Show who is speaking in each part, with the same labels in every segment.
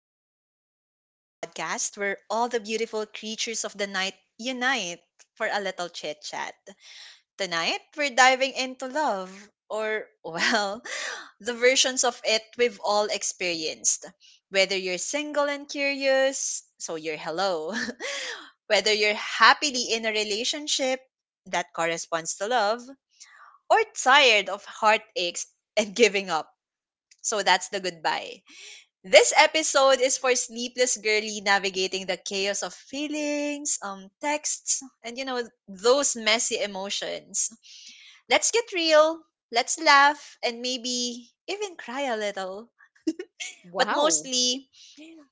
Speaker 1: the Sleepless Beauty podcast, where all the beautiful creatures of the night unite for a little chit chat. Tonight, we're diving into love, or, well, the versions of it we've all experienced. Whether you're single and curious, so you're hello. Whether you're happily in a relationship that corresponds to love, or tired of heartaches and giving up, so that's the goodbye. This episode is for sleepless girly navigating the chaos of feelings, texts, and those messy emotions. Let's get real, let's laugh, and maybe even cry a little. But
Speaker 2: Wow.
Speaker 1: mostly,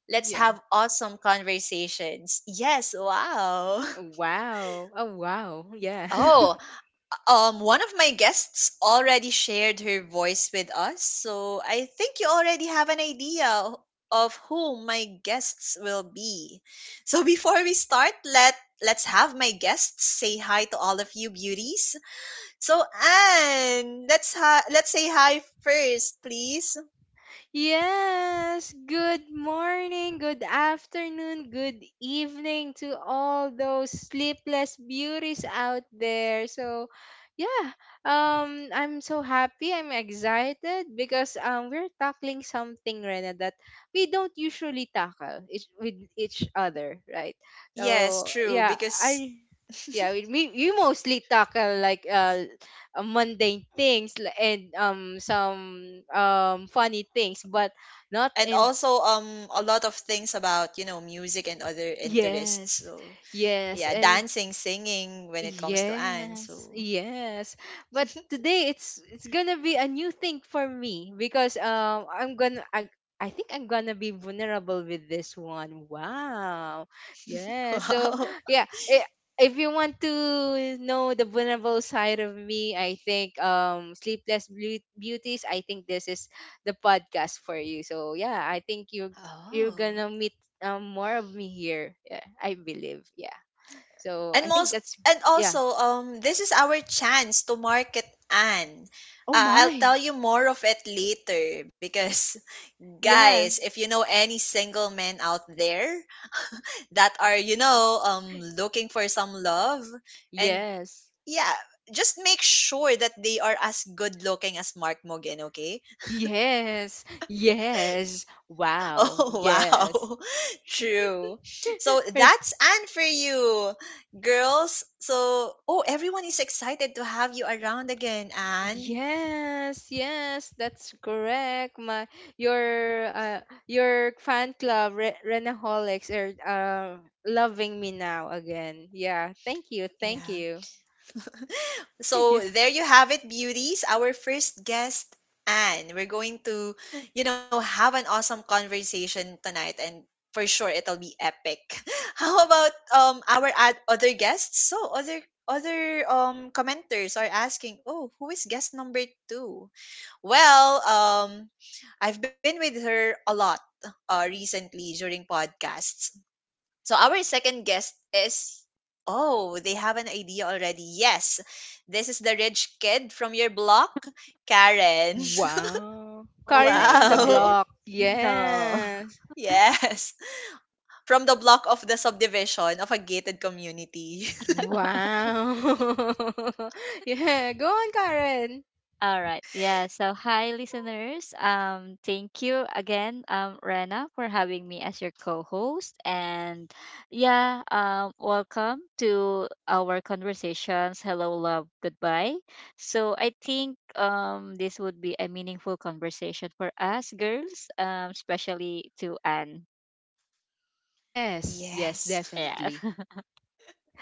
Speaker 1: let's
Speaker 2: Yeah.
Speaker 1: have awesome conversations. Yes, wow.
Speaker 2: Wow. Oh, wow. Yeah.
Speaker 1: Oh. One of my guests already shared her voice with us, so I think you already have an idea of who my guests will be. So before we start, let's have my guests say hi to all of you beauties. So Anne, let's say hi first, please.
Speaker 2: Yes. Good morning, good afternoon, good evening to all those sleepless beauties out there. So, yeah. I'm so happy. I'm excited because we're tackling something, Rena, that we don't usually with each other, right?
Speaker 1: Yes,
Speaker 2: So,
Speaker 1: true,
Speaker 2: yeah.
Speaker 1: because
Speaker 2: I yeah we mostly tackle like mundane and some funny things but not
Speaker 1: and
Speaker 2: in.
Speaker 1: also a lot of things about, you know, music and other interests.
Speaker 2: Yes,
Speaker 1: So
Speaker 2: yes.
Speaker 1: yeah,
Speaker 2: And
Speaker 1: dancing, singing when it comes to Anne.
Speaker 2: yes,
Speaker 1: So
Speaker 2: yes. But today it's gonna be a new thing for me because I think I'm gonna be vulnerable with this one. Wow. Yeah. So
Speaker 1: wow.
Speaker 2: yeah, if you want to know the vulnerable side of me, I think Beauties, I think this is the podcast for you. So yeah, I think you're
Speaker 1: Oh.
Speaker 2: gonna meet more of me here. Yeah, I believe. Yeah. So
Speaker 1: And
Speaker 2: I think
Speaker 1: most
Speaker 2: that's
Speaker 1: and
Speaker 2: yeah.
Speaker 1: also this is our chance to market Anne.
Speaker 2: Oh
Speaker 1: I'll tell
Speaker 2: my.
Speaker 1: you more of it later because
Speaker 2: Yeah.
Speaker 1: guys, if you know any single men out there that are, you know, looking for some love and
Speaker 2: Yes.
Speaker 1: yeah, just make sure that they are as good looking as Mark Mogan, okay?
Speaker 2: Yes. Yes. Wow.
Speaker 1: Oh,
Speaker 2: Yes.
Speaker 1: wow. True. So
Speaker 2: Eh,
Speaker 1: that's Anne for you, girls. So, oh, everyone is excited to have you around again, Anne.
Speaker 2: yes, yes, that's correct. My your uh, your fan club Renaholics are loving me now again. Yeah, thank you, thank
Speaker 1: Yeah.
Speaker 2: you.
Speaker 1: So
Speaker 2: Yeah.
Speaker 1: there you have it, beauties. Our first guest, Anne. We're going to, you know, have an awesome conversation tonight, and for sure it'll be epic. How about our other guests? So other commenters are asking, oh, who is guest number two? Well, I've been with her a lot recently during podcasts. So our second guest is oh, they have an idea already. Yes. This is the rich kid from your block, Karen.
Speaker 2: Wow.
Speaker 3: Oh
Speaker 2: Karin
Speaker 3: my
Speaker 2: from the
Speaker 1: Wow.
Speaker 3: God.
Speaker 2: block.
Speaker 3: No.
Speaker 2: Yes.
Speaker 1: Yes. From the block of the subdivision of a gated community.
Speaker 2: Wow. Yeah, go on, Karen.
Speaker 3: All right. Yeah. So, hi, listeners. Thank you again, Rena, for having me as your co-host. And yeah, welcome to our conversations. Hello, love. Goodbye. So, I think this would be a meaningful conversation for us girls, especially to Anne.
Speaker 2: Yes, yes,
Speaker 1: Yes.
Speaker 3: Yeah.
Speaker 2: definitely.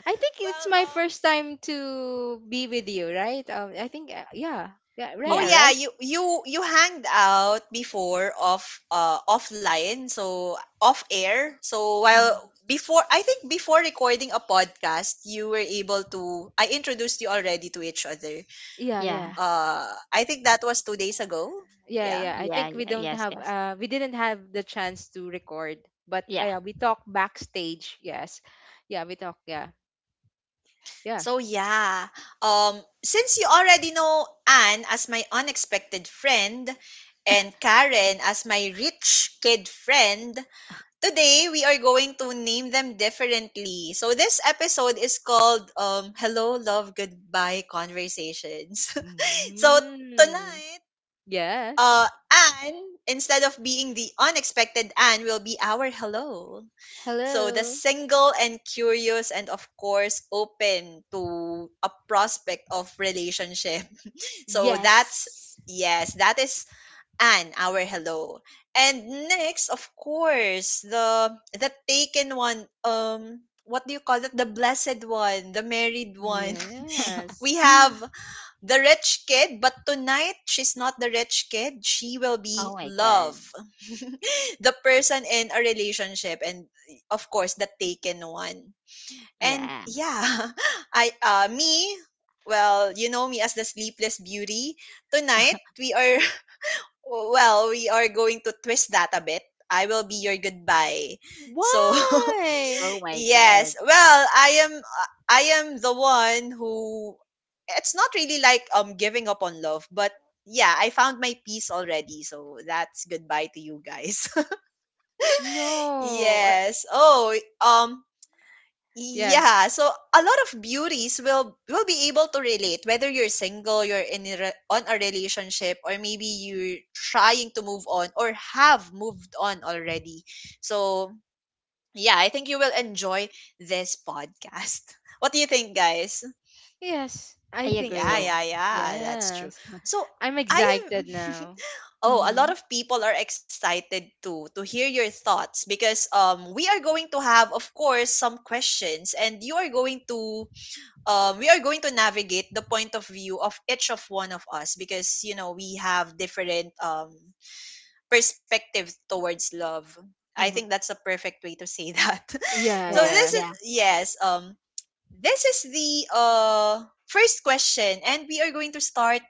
Speaker 2: I think it's
Speaker 1: Well,
Speaker 2: my
Speaker 1: um
Speaker 2: first time to be with you, right? I think yeah, yeah,
Speaker 1: oh
Speaker 3: yeah.
Speaker 2: Rena,
Speaker 1: yeah,
Speaker 2: right?
Speaker 1: you hanged out before off offline, so off air. So while
Speaker 3: Mhm.
Speaker 1: before I think before recording a podcast, you were able to I introduced you already to each other.
Speaker 2: Yeah,
Speaker 3: Yeah.
Speaker 2: yeah,
Speaker 1: Uh, I think that was 2 days ago.
Speaker 2: yeah,
Speaker 1: Yeah.
Speaker 2: yeah. I
Speaker 3: Yeah.
Speaker 2: think we
Speaker 3: Yeah.
Speaker 2: don't
Speaker 3: Yes.
Speaker 2: have
Speaker 3: Yes.
Speaker 2: we didn't have the chance to record, but
Speaker 3: Yeah.
Speaker 2: we talk backstage. Yes, yeah, we talk. Yeah, yeah.
Speaker 1: So yeah, um since you already know Anne as my unexpected friend and Karen as my rich kid friend, today we are going to name them differently. So this episode is called Hello Love Goodbye Conversations. So
Speaker 2: Mm,
Speaker 1: tonight,
Speaker 2: yes.
Speaker 1: Anne, instead of being the unexpected Anne, will be our hello. So the
Speaker 2: Hello.
Speaker 1: single and curious and of course open to a prospect of relationship. So that's
Speaker 2: Yes.
Speaker 1: yes, that is and our hello. And next, of course, the taken one. What do you call it? The blessed one, the married one.
Speaker 2: Yes.
Speaker 1: We have the rich kid, but tonight she's not the rich kid. She will
Speaker 3: Oh
Speaker 1: be
Speaker 3: my God.
Speaker 1: love, the person in a relationship, and of course the taken one. And
Speaker 3: Yeah.
Speaker 1: yeah, I me. Well, you know me as the sleepless beauty. Tonight we are well, we are going to twist that a bit. I will be your goodbye. So,
Speaker 2: Why?
Speaker 3: Oh my God.
Speaker 1: yes. Well, I am the one who it's not really like giving up on love, but yeah, I found my peace already. So, that's goodbye to you guys.
Speaker 2: No.
Speaker 1: Yes. Oh, um
Speaker 2: Yeah.
Speaker 1: yeah, so a lot of beauties will be able to relate whether you're single, you're in a on a relationship, or maybe you're trying to move on or have moved on already. So yeah, I think you will enjoy this podcast. What do you think, guys?
Speaker 2: Yes, I
Speaker 3: I
Speaker 2: think
Speaker 1: Yeah,
Speaker 3: agree.
Speaker 2: so.
Speaker 1: yeah, yeah, that's true.
Speaker 2: Yes.
Speaker 3: Mm-hmm.
Speaker 1: So
Speaker 2: I'm
Speaker 1: I am
Speaker 2: excited now.
Speaker 1: oh, a lot
Speaker 3: Mm-hmm.
Speaker 1: of people are excited to hear your thoughts because we are going to have of course some questions and you are going to we are going to navigate the point of view of each of one of us because you know we have different perspectives towards love. I
Speaker 3: Mm-hmm.
Speaker 1: think that's a perfect way to say that.
Speaker 2: Yeah,
Speaker 1: So
Speaker 3: Yeah.
Speaker 1: this
Speaker 2: yeah.
Speaker 1: is
Speaker 3: Yeah.
Speaker 1: yes, this is the first question, and we are going to start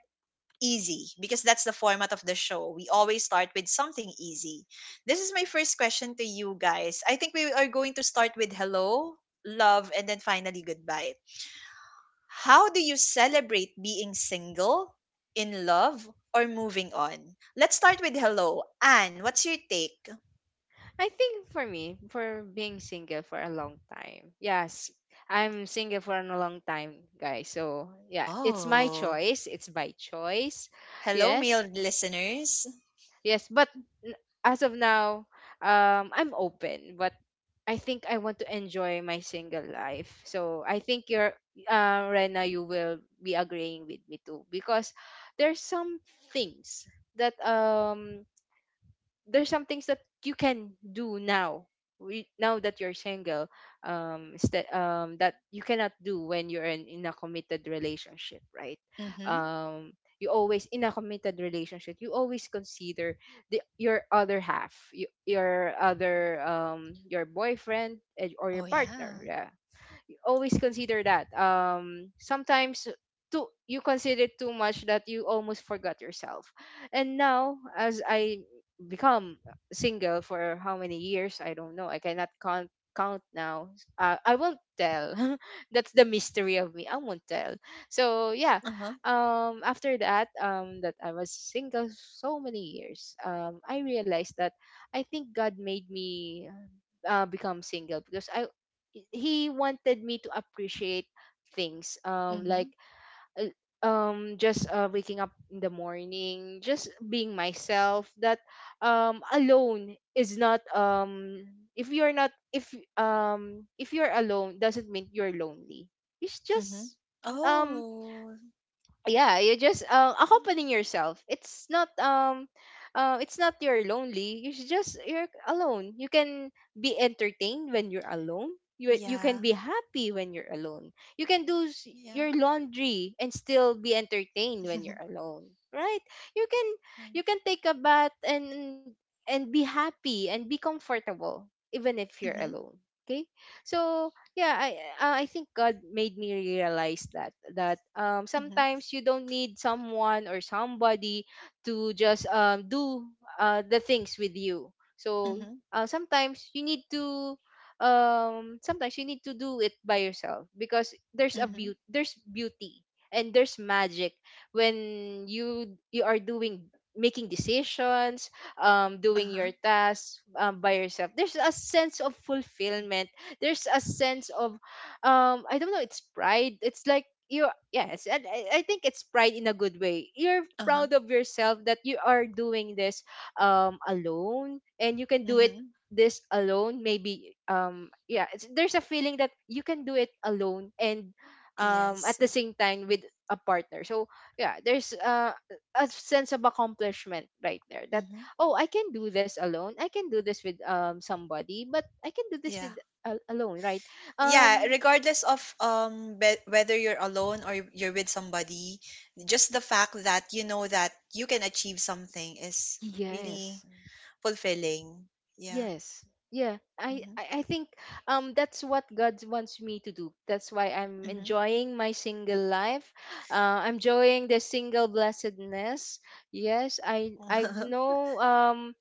Speaker 1: easy because that's the format of the show. We always start with something easy. This is my first question to you guys. I think we are going to start with hello, love, and then finally goodbye. How do you celebrate being single, in love, or moving on? Let's start with hello. Anne, what's your take?
Speaker 2: I think for me, for being single for a long time. Yes, I'm single for a long time, guys. So, yeah, it's my
Speaker 1: Oh,
Speaker 2: choice. It's by choice.
Speaker 1: hello,
Speaker 2: Yes.
Speaker 1: male listeners.
Speaker 2: Yes, but n- as of now, I'm open, but I think I want to enjoy my single life. So I think you're, Rena, you will be agreeing with me too because there's some things that you can do now now that you're single, that you cannot do when you're in a committed relationship, right?
Speaker 1: Mhm.
Speaker 2: um you always in a committed relationship, you always consider the your other your other your boyfriend, eh, or your
Speaker 1: Oh,
Speaker 2: partner,
Speaker 1: yeah.
Speaker 2: yeah, always consider that. Sometimes too, you consider it too much that you almost forgot yourself. And now, as I become single for how many years, I don't know. I cannot count now. I won't tell. That's the mystery of me. I won't tell. So yeah,
Speaker 1: Uh-huh.
Speaker 2: after that I was single so many years, I realized that I think God made me become single because I, he wanted me to appreciate things like
Speaker 1: Mhm.
Speaker 2: uh, just waking up in the morning, just being myself. That alone is not if you're not if if you're alone doesn't mean you're lonely, it's
Speaker 1: Mhm.
Speaker 2: just, um
Speaker 1: Oh.
Speaker 2: yeah, you just accompanying yourself. It's not it's not you're lonely, you should just, you're alone, you can be entertained when you're alone. You can
Speaker 1: Yeah.
Speaker 2: be happy when you're alone. You can do
Speaker 1: Yeah.
Speaker 2: your laundry and still be entertained when you're
Speaker 1: Mhm.
Speaker 2: alone, right? You can, you can take a bath and be happy and be comfortable even if you're
Speaker 1: Mm.
Speaker 2: alone. Okay. So yeah, I I think God made me realize that
Speaker 1: Mhm,
Speaker 2: sometimes you don't need someone or somebody to just do the things with you.
Speaker 1: mhm,
Speaker 2: So
Speaker 1: mhm,
Speaker 2: sometimes you need to sometimes you need to do it by yourself because there's a
Speaker 1: mhm.
Speaker 2: beauty there's beauty and there's magic when you are doing, making decisions, doing
Speaker 1: Uh-huh.
Speaker 2: your tasks, by yourself, there's a sense of fulfillment, there's a sense of, I don't know, it's pride. It's like you, yes, and I think it's pride in a good way. You're
Speaker 1: Uh-huh.
Speaker 2: proud of yourself that you are doing this alone and you can do it.
Speaker 1: Mhm.
Speaker 2: This alone, maybe, yeah, there's a feeling that you can do it alone and at
Speaker 1: Yes.
Speaker 2: the same time with a partner. So yeah, there's a sense of accomplishment right there, that
Speaker 1: Mhm.
Speaker 2: oh, I can do this alone, I can do this with somebody, but I can do this
Speaker 1: Yeah.
Speaker 2: with alone, right?
Speaker 1: Yeah,
Speaker 2: um
Speaker 1: regardless of whether you're alone or you're with somebody, just the fact that you know that you can achieve something is really
Speaker 2: yes,
Speaker 1: fulfilling. Yeah.
Speaker 2: yes, yeah, I,
Speaker 1: Mhm.
Speaker 2: I think that's what God wants me to do. That's why I'm
Speaker 1: Mhm.
Speaker 2: enjoying my single life. Uh, I'm enjoying the single blessedness. Yes, I know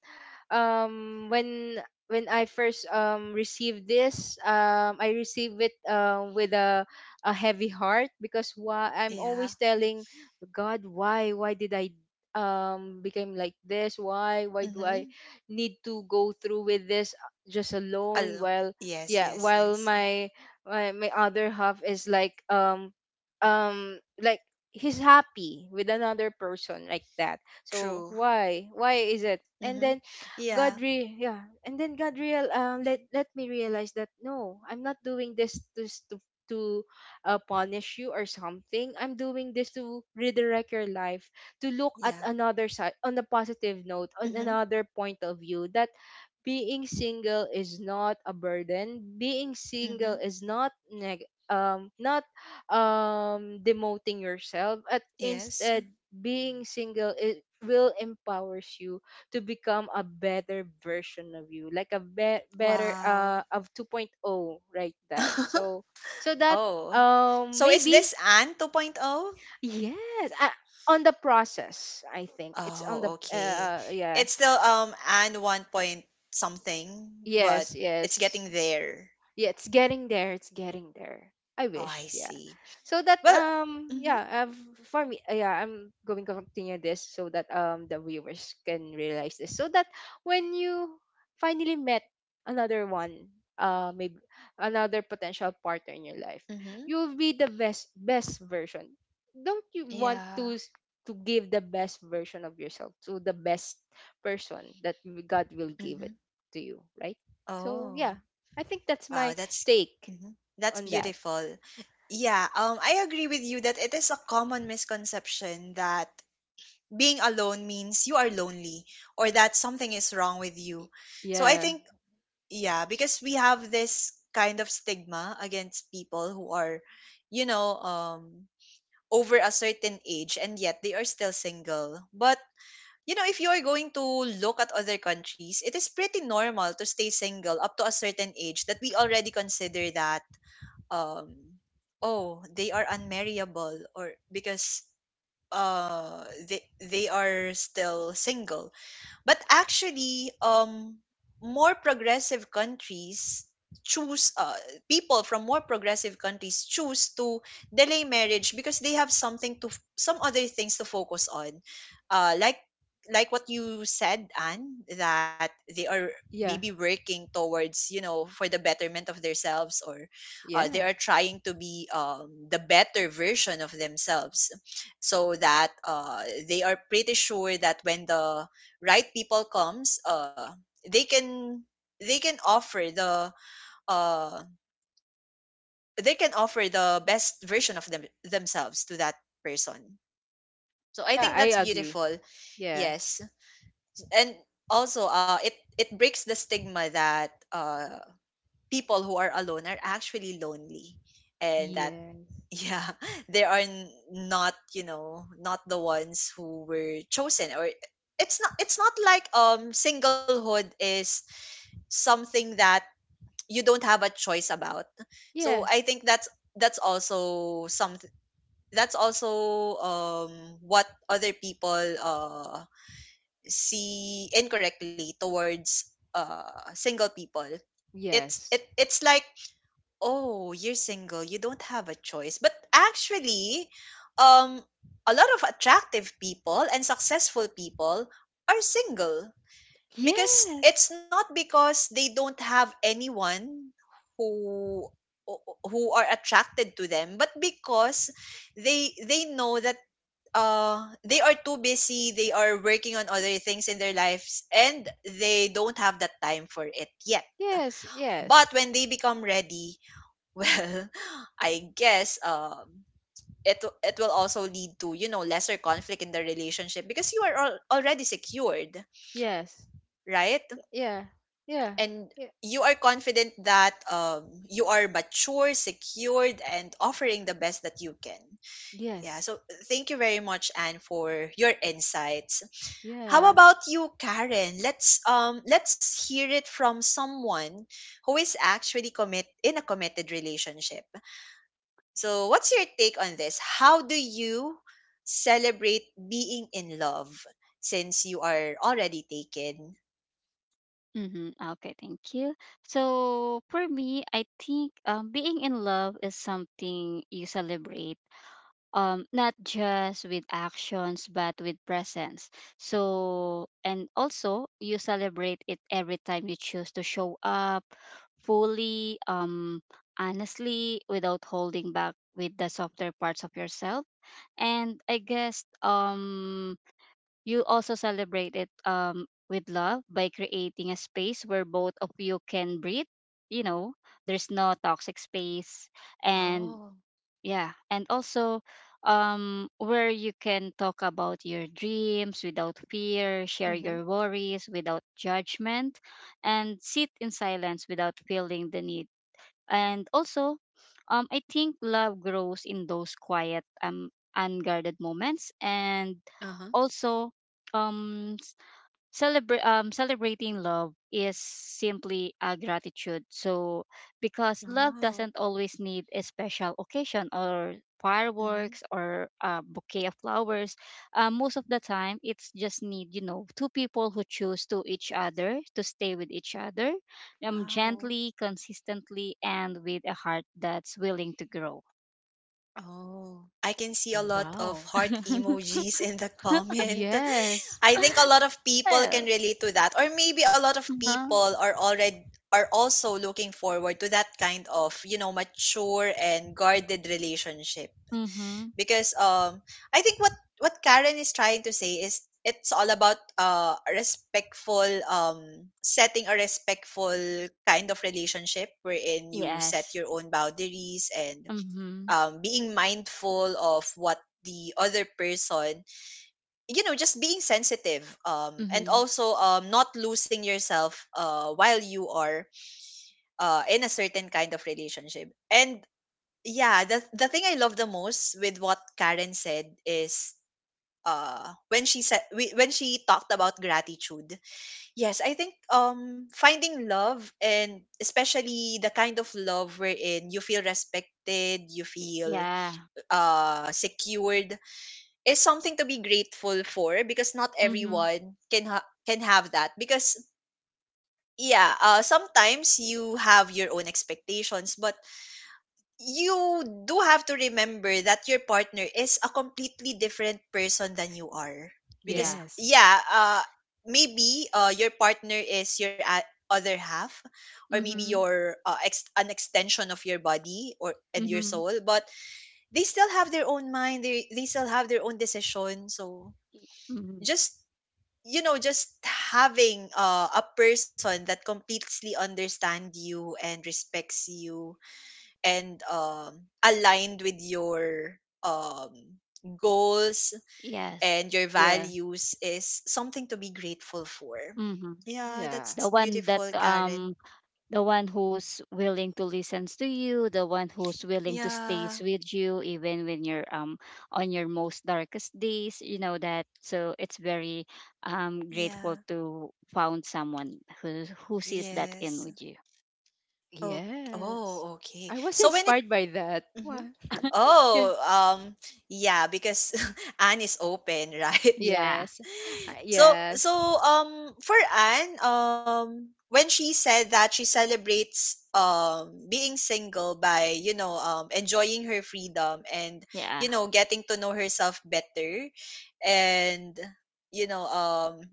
Speaker 2: um when when I first received I received it with a heavy heart, because why? I'm
Speaker 1: Yeah.
Speaker 2: always telling God, why did I became like this? Why do I
Speaker 1: Mhm.
Speaker 2: need to go through with this just alone,
Speaker 1: Alo-
Speaker 2: while
Speaker 1: yes,
Speaker 2: yeah,
Speaker 1: yes,
Speaker 2: while
Speaker 1: yes.
Speaker 2: my other half is like he's happy with another person like that. So
Speaker 1: True.
Speaker 2: why is it? And
Speaker 1: Mhm.
Speaker 2: then God
Speaker 1: Yeah.
Speaker 2: re yeah, and then God real, let let me realize that, no, I'm not doing this to to punish you or something. I'm doing this to redirect your life, to look at
Speaker 1: Yeah.
Speaker 2: another side, on a positive note, on
Speaker 1: Mhm.
Speaker 2: another point of view, that being single is not a burden. Being single
Speaker 1: Mhm.
Speaker 2: is not demoting yourself, but
Speaker 1: Yes.
Speaker 2: instead being single, it will empowers you to become a better version of you, like a better, uh,
Speaker 1: Wow.
Speaker 2: of 2.0, right, that so so that
Speaker 1: Oh. So is
Speaker 2: maybe
Speaker 1: this Anne 2.0? Oh,
Speaker 2: yes, on the process, I think it's on the
Speaker 1: oh, okay.
Speaker 2: uh, yeah.
Speaker 1: It's still Anne 1 point something, but
Speaker 2: Yes.
Speaker 1: it's
Speaker 2: Yes,
Speaker 1: getting there.
Speaker 2: yeah, it's getting there, it's getting there. I
Speaker 1: Oh, I
Speaker 2: wish. Yeah.
Speaker 1: see.
Speaker 2: So that
Speaker 1: Well, mhm.
Speaker 2: yeah, for me, yeah, I'm going to continue this so that the viewers can realize this, so that when you finally met another one, uh, maybe another potential partner in your life,
Speaker 1: Mhm.
Speaker 2: you'll be the best version. Don't you want to
Speaker 1: Yeah.
Speaker 2: to give the best version of yourself to the best person that God will give
Speaker 1: Mhm.
Speaker 2: it to you, right? So yeah,
Speaker 1: Oh.
Speaker 2: I think that's
Speaker 1: Wow,
Speaker 2: my
Speaker 1: that's
Speaker 2: take
Speaker 1: mhm. That's
Speaker 2: on that.
Speaker 1: beautiful. Yeah, I agree with you that it is a common misconception that being alone means you are lonely or that something is wrong with you. So I
Speaker 2: Yeah.
Speaker 1: think yeah because we have this kind of stigma against people who are you know over a certain age and yet they are still single, but you know if you are going to look at other countries it is pretty normal to stay single up to a certain age that we already consider that um oh, they are unmarriable or because uh they are still single. But actually, more progressive countries choose people from more progressive countries choose to delay marriage because they have something to some other things to focus on, uh, like like what you said, Anne, that they are maybe
Speaker 2: Yeah.
Speaker 1: working towards you know for the betterment of themselves or they
Speaker 2: Yeah.
Speaker 1: are trying to be the better version of themselves so that they are pretty sure that when the right people comes they can they can offer the uh they can offer the best version of themselves to that person. So I
Speaker 2: Yeah,
Speaker 1: think
Speaker 2: I
Speaker 1: that's
Speaker 2: agree.
Speaker 1: beautiful.
Speaker 2: Yeah.
Speaker 1: Yes, and also it breaks the stigma that people who are alone are actually lonely and that
Speaker 2: Yes.
Speaker 1: yeah they are not you know not the ones who were chosen or it's not, it's not like singlehood is something that you don't have a choice about. So I think that's also something that's also what other people see incorrectly towards single people. It's it
Speaker 2: Yes.
Speaker 1: it's like oh you're single you don't have a choice but actually um a lot of attractive people and successful people are single because
Speaker 2: Yes.
Speaker 1: it's not because they don't have anyone who who are attracted to them but because they know that they are too busy, they are working on other things in their lives and they don't have that time for it yet.
Speaker 2: Yes. Yes. Yes.
Speaker 1: But when they become ready well, I guess it, it will also lead to you know lesser conflict in the relationship because you are already secured,
Speaker 2: Yes.
Speaker 1: right?
Speaker 2: Yeah. Yeah.
Speaker 1: And
Speaker 2: Yeah.
Speaker 1: you are confident that you are mature, secured, and offering the best that you can. Yeah,
Speaker 2: Yes.
Speaker 1: so thank you very much, Anne, for your insights. How
Speaker 2: Yeah.
Speaker 1: about you, Karen? Let's hear it from someone who is actually commit in a committed relationship. So, what's your take on this? How do you celebrate being in love since you are already taken?
Speaker 3: Mm-hmm. Okay. Thank you. So for me, I think being in love is something you celebrate, not just with actions but with presence. So, and also you celebrate it every time you choose to show up fully, honestly, without holding back with the softer parts of yourself. And I guess you also celebrate it, with love by creating a space where both of you can breathe. You know, there's no toxic space, and
Speaker 1: Oh,
Speaker 3: yeah, and also, where you can talk about your dreams without fear, share
Speaker 1: mhm,
Speaker 3: your worries without judgment, and sit in silence without feeling the need. And also, I think love grows in those quiet, unguarded moments, and
Speaker 1: uh-huh.
Speaker 3: also um celebrating love is simply a gratitude. So, because love
Speaker 1: Oh,
Speaker 3: doesn't always need a special occasion or
Speaker 1: mhm.
Speaker 3: fireworks or a bouquet of flowers, most of the time it's just need you know two people who choose to each other to stay with each other,
Speaker 1: Wow.
Speaker 3: gently, consistently, and with a heart that's willing to grow.
Speaker 1: Oh, I can see a lot of
Speaker 2: Wow.
Speaker 1: heart emojis in the comment.
Speaker 2: Yes.
Speaker 1: I think a lot of people
Speaker 3: Yeah.
Speaker 1: can relate to that, or maybe a lot of
Speaker 3: Uh-huh.
Speaker 1: people are already are also looking forward to that kind of mature and guarded relationship
Speaker 3: Mhm.
Speaker 1: because I think what Karen is trying to say is it's all about respectful, setting a respectful kind of relationship wherein you set
Speaker 3: Yes.
Speaker 1: your own boundaries and
Speaker 3: Mhm.
Speaker 1: being mindful of what the other person, just being sensitive, and
Speaker 3: Mhm.
Speaker 1: also not losing yourself while you are in a certain kind of relationship. And yeah, the thing I love the most with what Karen said is, when she said when she talked about gratitude. Yes, I think finding love, and especially the kind of love wherein you feel respected, you
Speaker 3: Y-
Speaker 1: feel
Speaker 3: Yeah.
Speaker 1: secured, is something to be grateful for, because not
Speaker 3: Mm-hmm.
Speaker 1: everyone can can have that. Because yeah, sometimes you have your own expectations, but you do have to remember that your partner is a completely different person than you are. Because
Speaker 3: Yeah.
Speaker 2: Yes.
Speaker 1: yeah, maybe your partner is your other half, or maybe
Speaker 3: Mm-hmm.
Speaker 1: your an extension of your body or and your
Speaker 3: Mm-hmm.
Speaker 1: soul, but they still have their own mind. They still have their own decision. So
Speaker 3: Mm-hmm.
Speaker 1: just, just having a person that completely understand you and respects you, and aligned with your um, goals
Speaker 3: Yes.
Speaker 1: and your
Speaker 2: Yeah.
Speaker 1: values is something to be grateful for.
Speaker 3: Mm-hmm.
Speaker 1: Yeah,
Speaker 2: Yeah.
Speaker 1: that's
Speaker 3: The one that,
Speaker 1: beautiful, Karen.
Speaker 3: the one who's willing to listen to you, the one who's willing to stays
Speaker 1: Yeah,
Speaker 3: with you even when you're, on your most darkest days, you know that. So it's very, grateful
Speaker 1: yeah,
Speaker 3: to found someone who sees that
Speaker 1: yes.
Speaker 3: in with you.
Speaker 1: Oh,
Speaker 2: Yes.
Speaker 1: oh, okay.
Speaker 2: I was
Speaker 1: So when it,
Speaker 2: inspired by that.
Speaker 1: mhm.
Speaker 2: Wow. Yeah.
Speaker 1: Oh, yeah, because Anne is open, right?
Speaker 3: Yeah.
Speaker 2: Yes.
Speaker 1: So
Speaker 2: Yes.
Speaker 1: for Anne, when she said that she celebrates being single by, you know, enjoying her freedom and,
Speaker 3: Yeah.
Speaker 1: you know, getting to know herself better, and you know, um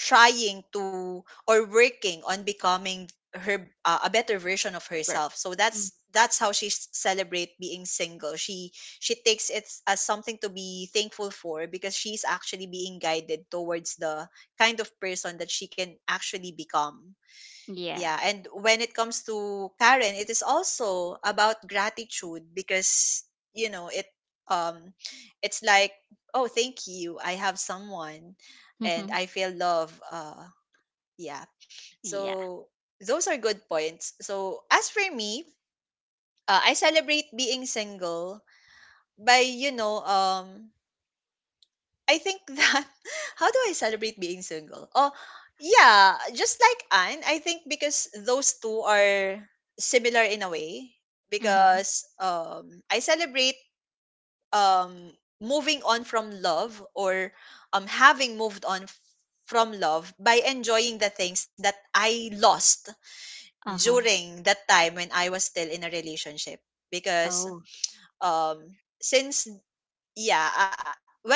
Speaker 1: trying to, or working on becoming her a better version of
Speaker 3: Ver-
Speaker 1: herself. So
Speaker 3: mm
Speaker 1: that's how she celebrate being single. She takes it as something to be thankful for because she's actually being guided towards the kind of person that she can actually become.
Speaker 3: Yeah.
Speaker 1: Yeah, and when it comes to Karen, it is also about gratitude because, you know, it, um it's like, oh, thank you, I have someone and
Speaker 3: Mm-hmm.
Speaker 1: I feel love. Yeah.
Speaker 3: Yeah.
Speaker 1: So those are good points. So as for me, I celebrate being single by, I think that, how do I celebrate being single? Oh, yeah, just like Anne, I think, because those two are similar in a way
Speaker 3: Mm-hmm.
Speaker 1: because I celebrate um moving on from love, or having moved on from love by enjoying the things that I lost
Speaker 3: Uh-huh.
Speaker 1: during that time when I was still in a relationship. Because
Speaker 3: Oh.
Speaker 1: um since, yeah, well,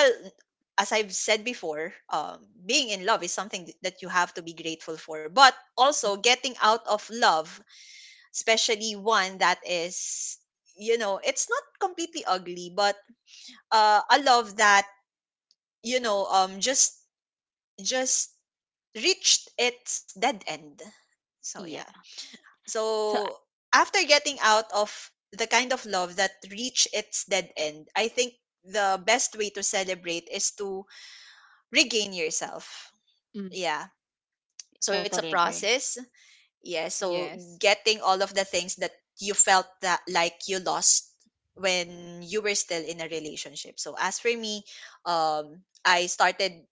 Speaker 1: as I've said before, being in love is something that you have to be grateful for, but also
Speaker 3: Mm-hmm.
Speaker 1: getting out of love, especially one that is, you know, it's not completely ugly, but a love that, you know um just just reached its dead end. So yeah.
Speaker 3: Yeah. So.
Speaker 1: So after getting out of the kind of love that reached its dead end, I think the best way to celebrate is to regain yourself.
Speaker 3: Mm,
Speaker 1: Yeah. So it's a
Speaker 3: totally agree.
Speaker 1: process. Yeah. So
Speaker 2: Yes.
Speaker 1: getting all of the things that you felt that, like, you lost when you were still in a relationship. So as for me, I started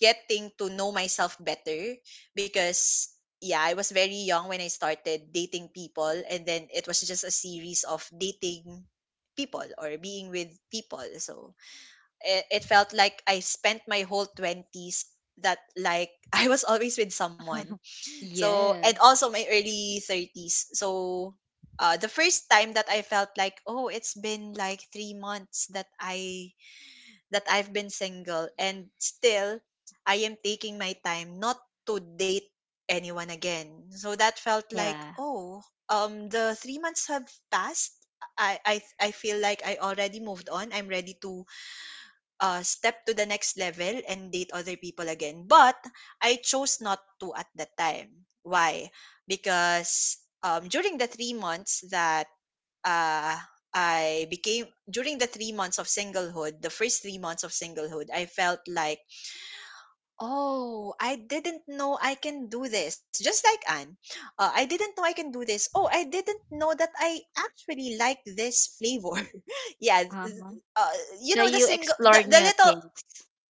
Speaker 1: getting to know myself better, because, yeah, I was very young when I started dating people, and then it was just a series of dating people or being with people. So it felt like I spent my whole 20s that, like, I was always with someone. So, and
Speaker 2: Yes.
Speaker 1: also my early 30s. So, the first time that I felt like, oh, it's been like 3 months that I've been single, and still I am taking my time not to date anyone again. So that felt like,
Speaker 3: Yeah.
Speaker 1: oh, the 3 months have passed. I feel like I already moved on. I'm ready to step to the next level and date other people again. But I chose not to at that time. Why? Because during the 3 months that uh, I became, during the 3 months of singlehood, the first 3 months of singlehood, I felt like, oh, I didn't know I can do this. Just like Anne, I didn't know I can do this. Oh, I didn't know that I actually like this flavor. yeah, th-
Speaker 3: Uh-huh.
Speaker 1: uh,
Speaker 3: So you explore
Speaker 1: the
Speaker 3: new
Speaker 1: little,
Speaker 3: things.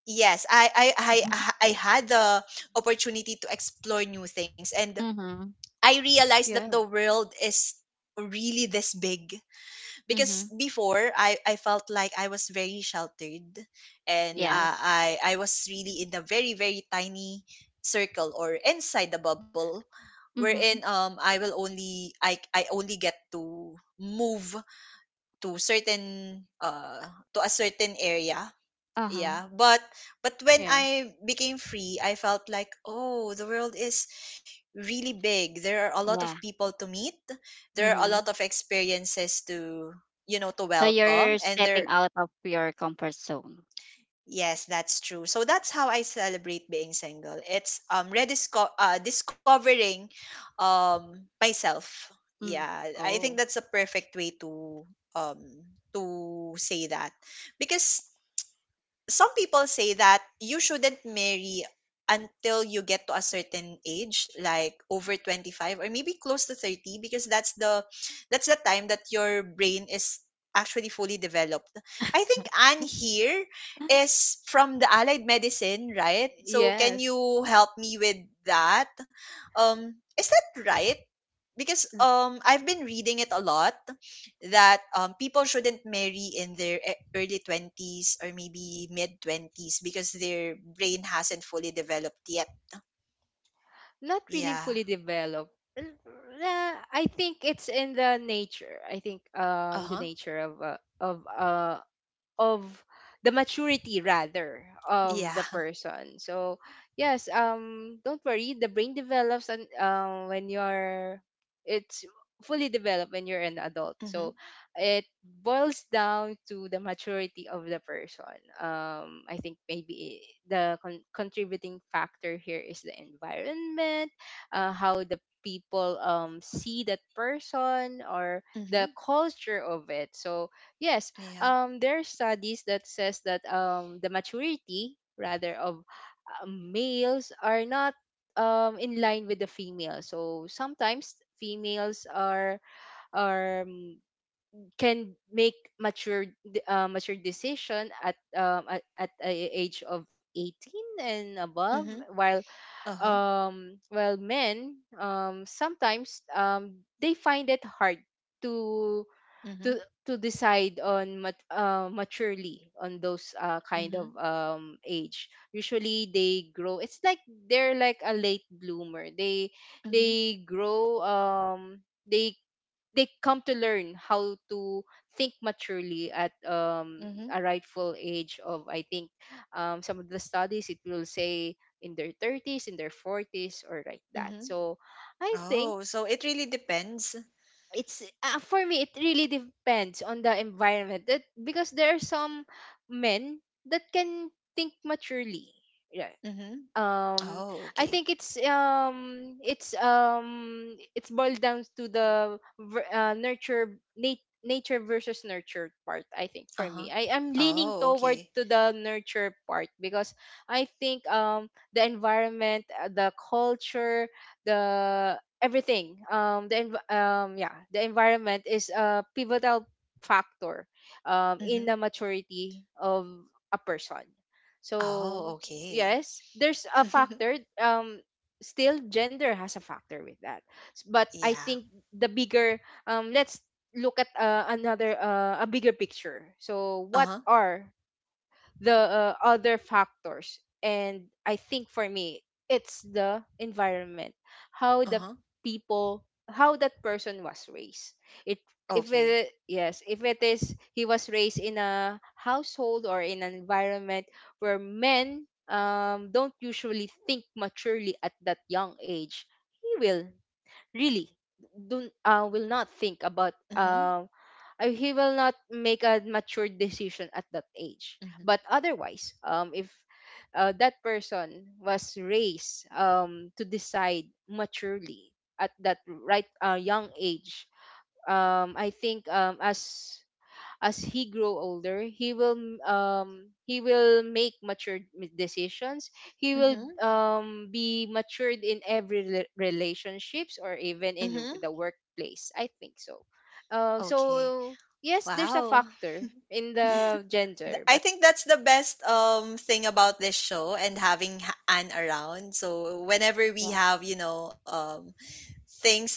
Speaker 1: yes, I had the opportunity to explore new things, and
Speaker 3: Mm-hmm.
Speaker 1: I realized that
Speaker 2: Yeah.
Speaker 1: the world is really this big, because
Speaker 3: Mm-hmm.
Speaker 1: before I felt like I was very sheltered, and
Speaker 3: Yeah.
Speaker 2: Yes.
Speaker 1: I was really in a very, very tiny circle, or inside the bubble, wherein
Speaker 3: Mm-hmm.
Speaker 1: I only get to move to certain to a certain area.
Speaker 3: Uh-huh.
Speaker 1: Yeah, but when
Speaker 2: Yeah.
Speaker 1: I became free, I felt like, oh, the world is really big. There are a lot of
Speaker 3: Yeah.
Speaker 1: people to meet, there are a lot
Speaker 3: Mm-hmm.
Speaker 1: of experiences to, you know, to
Speaker 3: So
Speaker 1: welcome.
Speaker 3: you're
Speaker 1: And there,
Speaker 3: stepping out of your comfort zone.
Speaker 1: yes, that's true. So that's how I celebrate being single. It's, discovering myself.
Speaker 3: Mm.
Speaker 1: Yeah, I
Speaker 2: Oh.
Speaker 1: think that's a perfect way to um say that, because some people say that you shouldn't marry until you get to a certain age, like over 25 or maybe close to 30, because that's the time that your brain is actually fully developed. I think Anne here is from the allied medicine, right? So can
Speaker 2: Yes.
Speaker 1: you help me with that? Is that right? Because I've been reading it a lot that people shouldn't marry in their early 20s or maybe mid 20s because their brain hasn't fully developed yet.
Speaker 2: Not
Speaker 1: Yeah.
Speaker 2: really fully developed. N- uh, I think it's in the nature. I think the
Speaker 1: Uh-huh.
Speaker 2: nature of of the maturity rather of
Speaker 1: Yeah.
Speaker 2: the person. So yes, don't worry, the brain develops and when you're, it's fully developed when you're an adult. So
Speaker 1: Mhm.
Speaker 2: it boils down to the maturity of the person. Um, I think maybe the contributing factor here is the environment, how the people see that person, or the
Speaker 1: Mhm.
Speaker 2: culture of it. So yes,
Speaker 1: Yeah.
Speaker 2: there are studies that says that the maturity rather of males are not in line with the female. So sometimes females are, can make mature mature decision at at a age of 18 and above,
Speaker 1: Mhm.
Speaker 2: while
Speaker 1: Uh-huh.
Speaker 2: while men sometimes they find it hard to to
Speaker 1: Mhm.
Speaker 2: to decide on maturely on those kind of
Speaker 1: Mhm.
Speaker 2: age. Usually they grow, it's like they're like a late bloomer,
Speaker 1: Mhm.
Speaker 2: they grow they they come to learn how to think maturely at
Speaker 1: Mhm.
Speaker 2: a rightful age of, I think some of the studies, it will say in their 30s, in their 40s, or like that.
Speaker 1: Mhm.
Speaker 2: So I
Speaker 1: Oh,
Speaker 2: think
Speaker 1: so it really depends.
Speaker 2: it's for me, it really depends on the environment, that because there are some men that can think maturely. Yeah,
Speaker 1: Mhm.
Speaker 2: um
Speaker 1: Oh,
Speaker 2: I
Speaker 1: okay.
Speaker 2: think it's boiled down to the nurture, nature versus nurture part. I think for
Speaker 1: Uh-huh.
Speaker 2: me, I am leaning
Speaker 1: Oh,
Speaker 2: toward
Speaker 1: okay.
Speaker 2: to the nurture part because I think the environment, the culture, the everything, yeah, the environment is a pivotal factor in
Speaker 1: Mhm.
Speaker 2: the maturity of a person, so
Speaker 1: Oh, okay.
Speaker 2: yes, there's a factor, still gender has a factor with that. S- but I
Speaker 1: yeah.
Speaker 2: think the bigger, let's look at another a bigger picture. So what
Speaker 1: Uh-huh.
Speaker 2: are the other factors? And I think for me, it's the environment, how the
Speaker 1: Uh-huh.
Speaker 2: people, how that person was raised. It, if
Speaker 1: Okay.
Speaker 2: it, yes, if it is, he was raised in a household or in an environment where men, don't usually think maturely at that young age, he will really don't will not think about
Speaker 1: Mhm,
Speaker 2: he will not make a mature decision at that age.
Speaker 1: mhm,
Speaker 2: But otherwise, if that person was raised to decide maturely at that right, young age, I think as he grow older, um he will make mature decisions. He will
Speaker 1: mhm,
Speaker 2: be matured in every relationships or even in
Speaker 1: mhm.
Speaker 2: the workplace, I think so. uh,
Speaker 1: Okay.
Speaker 2: so yes, there's a
Speaker 1: Wow.
Speaker 2: factor in the gender,
Speaker 1: I
Speaker 2: but
Speaker 1: think that's the best thing about this show and having Anne around. So whenever we
Speaker 3: Yeah.
Speaker 1: have, you know, things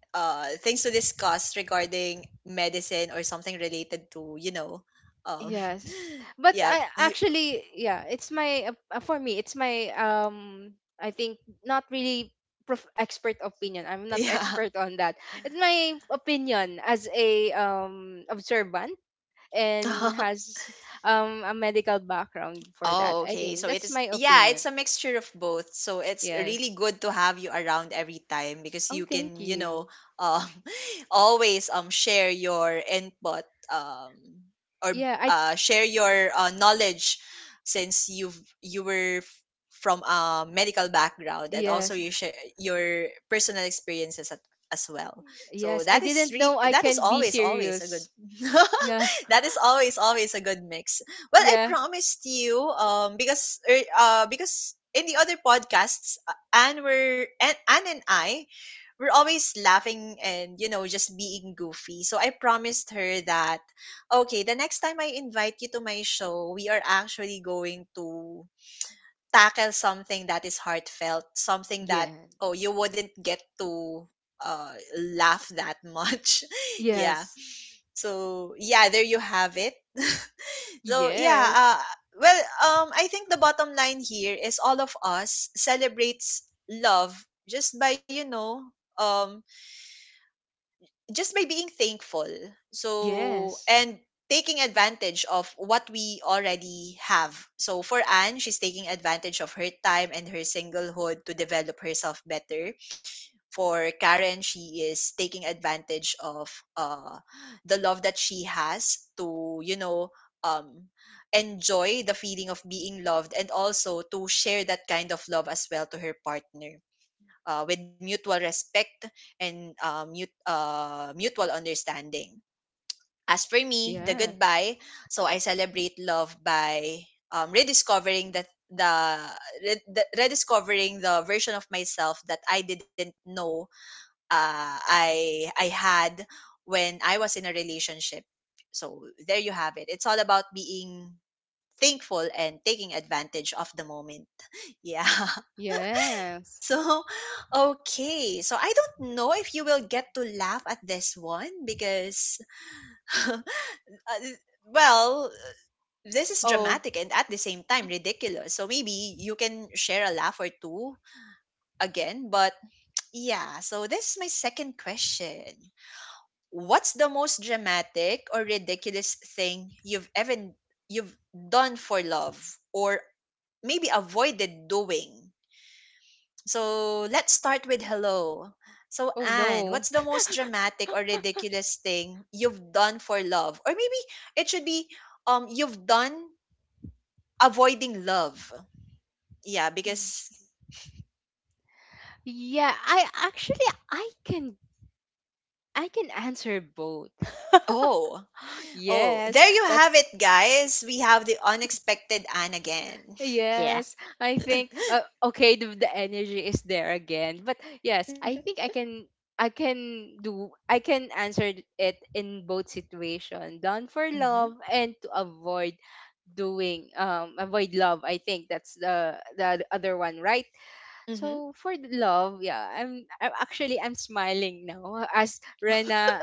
Speaker 1: to discuss regarding medicine or something related to, you know, um
Speaker 2: yes. But
Speaker 1: yeah,
Speaker 2: I
Speaker 1: you
Speaker 2: actually, yeah, it's my for me it's my I think not really expert opinion. I'm not
Speaker 1: yeah.
Speaker 2: expert on that. It's my opinion as a observant and has a medical background for that.
Speaker 1: Oh,
Speaker 2: I
Speaker 1: okay.
Speaker 2: think
Speaker 1: So it
Speaker 2: that's
Speaker 1: is,
Speaker 2: my
Speaker 1: yeah, it's
Speaker 2: opinion.
Speaker 1: a mixture of both. So it's really
Speaker 2: Yes.
Speaker 1: good to have you around every time, because
Speaker 2: Oh,
Speaker 1: you
Speaker 2: thank
Speaker 1: can, you know,
Speaker 2: you.
Speaker 1: um, always share your input, or
Speaker 2: Yeah, I
Speaker 1: share your knowledge since you were from a medical background, and also
Speaker 2: yes.
Speaker 1: you share your personal experiences at, as well. So
Speaker 2: Yes, I
Speaker 1: that is
Speaker 2: didn't know
Speaker 1: re-
Speaker 2: I
Speaker 1: that is
Speaker 2: can be
Speaker 1: always, always a good
Speaker 2: serious. Yeah.
Speaker 1: that is always, always a good mix. Well, I
Speaker 2: Yeah.
Speaker 1: promised you because in the other podcasts, Anne and I were always laughing, and, you know, just being goofy. So I promised her that, okay, the next time I invite you to my show, we are actually going to tackle something that is heartfelt, something
Speaker 2: Yeah.
Speaker 1: that, oh, you wouldn't get to laugh that much. Yeah.
Speaker 2: Yes.
Speaker 1: So yeah, there you have it. So yeah,
Speaker 2: Yes.
Speaker 1: uh, well, I think the bottom line here is all of us celebrates love just by, you know, um, just by being thankful. So,
Speaker 2: Yes.
Speaker 1: and taking advantage of what we already have. So for Anne, she's taking advantage of her time and her singlehood to develop herself better. For Karen, she is taking advantage of uh, the love that she has to, you know, um, enjoy the feeling of being loved, and also to share that kind of love as well to her partner, with mutual respect and mutual understanding. As for me, the
Speaker 2: Yeah.
Speaker 1: goodbye, so I celebrate love by rediscovering that the, re- the rediscovering the version of myself that I didn't know I had when I was in a relationship. So there you have it. It's all about being thankful and taking advantage of the moment. Yeah.
Speaker 2: Yes.
Speaker 1: So okay. So I don't know if you will get to laugh at this one, because uh, well, this is
Speaker 2: Oh.
Speaker 1: dramatic and at the same time ridiculous. So maybe you can share a laugh or two again, but yeah, so this is my second question. What's the most dramatic or ridiculous thing you've done for love, or maybe avoided doing? So let's start with hello. So
Speaker 2: Oh
Speaker 1: Anne,
Speaker 2: no.
Speaker 1: what's the most dramatic or ridiculous thing you've done for love? Or maybe it should be, you've done avoiding love. Yeah, because,
Speaker 2: Yeah, I actually I can answer both.
Speaker 1: oh, oh,
Speaker 2: Yes,
Speaker 1: there you have
Speaker 2: that's
Speaker 1: it, guys. We have the unexpected Anne again.
Speaker 3: Yeah.
Speaker 2: yes. I think okay, the energy is there again. But yes, I think I can answer it in both situation. Done for love
Speaker 1: Mhm.
Speaker 2: and to avoid doing avoid love. I think that's the other one, right?
Speaker 1: Mhm.
Speaker 2: So for the love, yeah, I'm actually I'm smiling now as Rena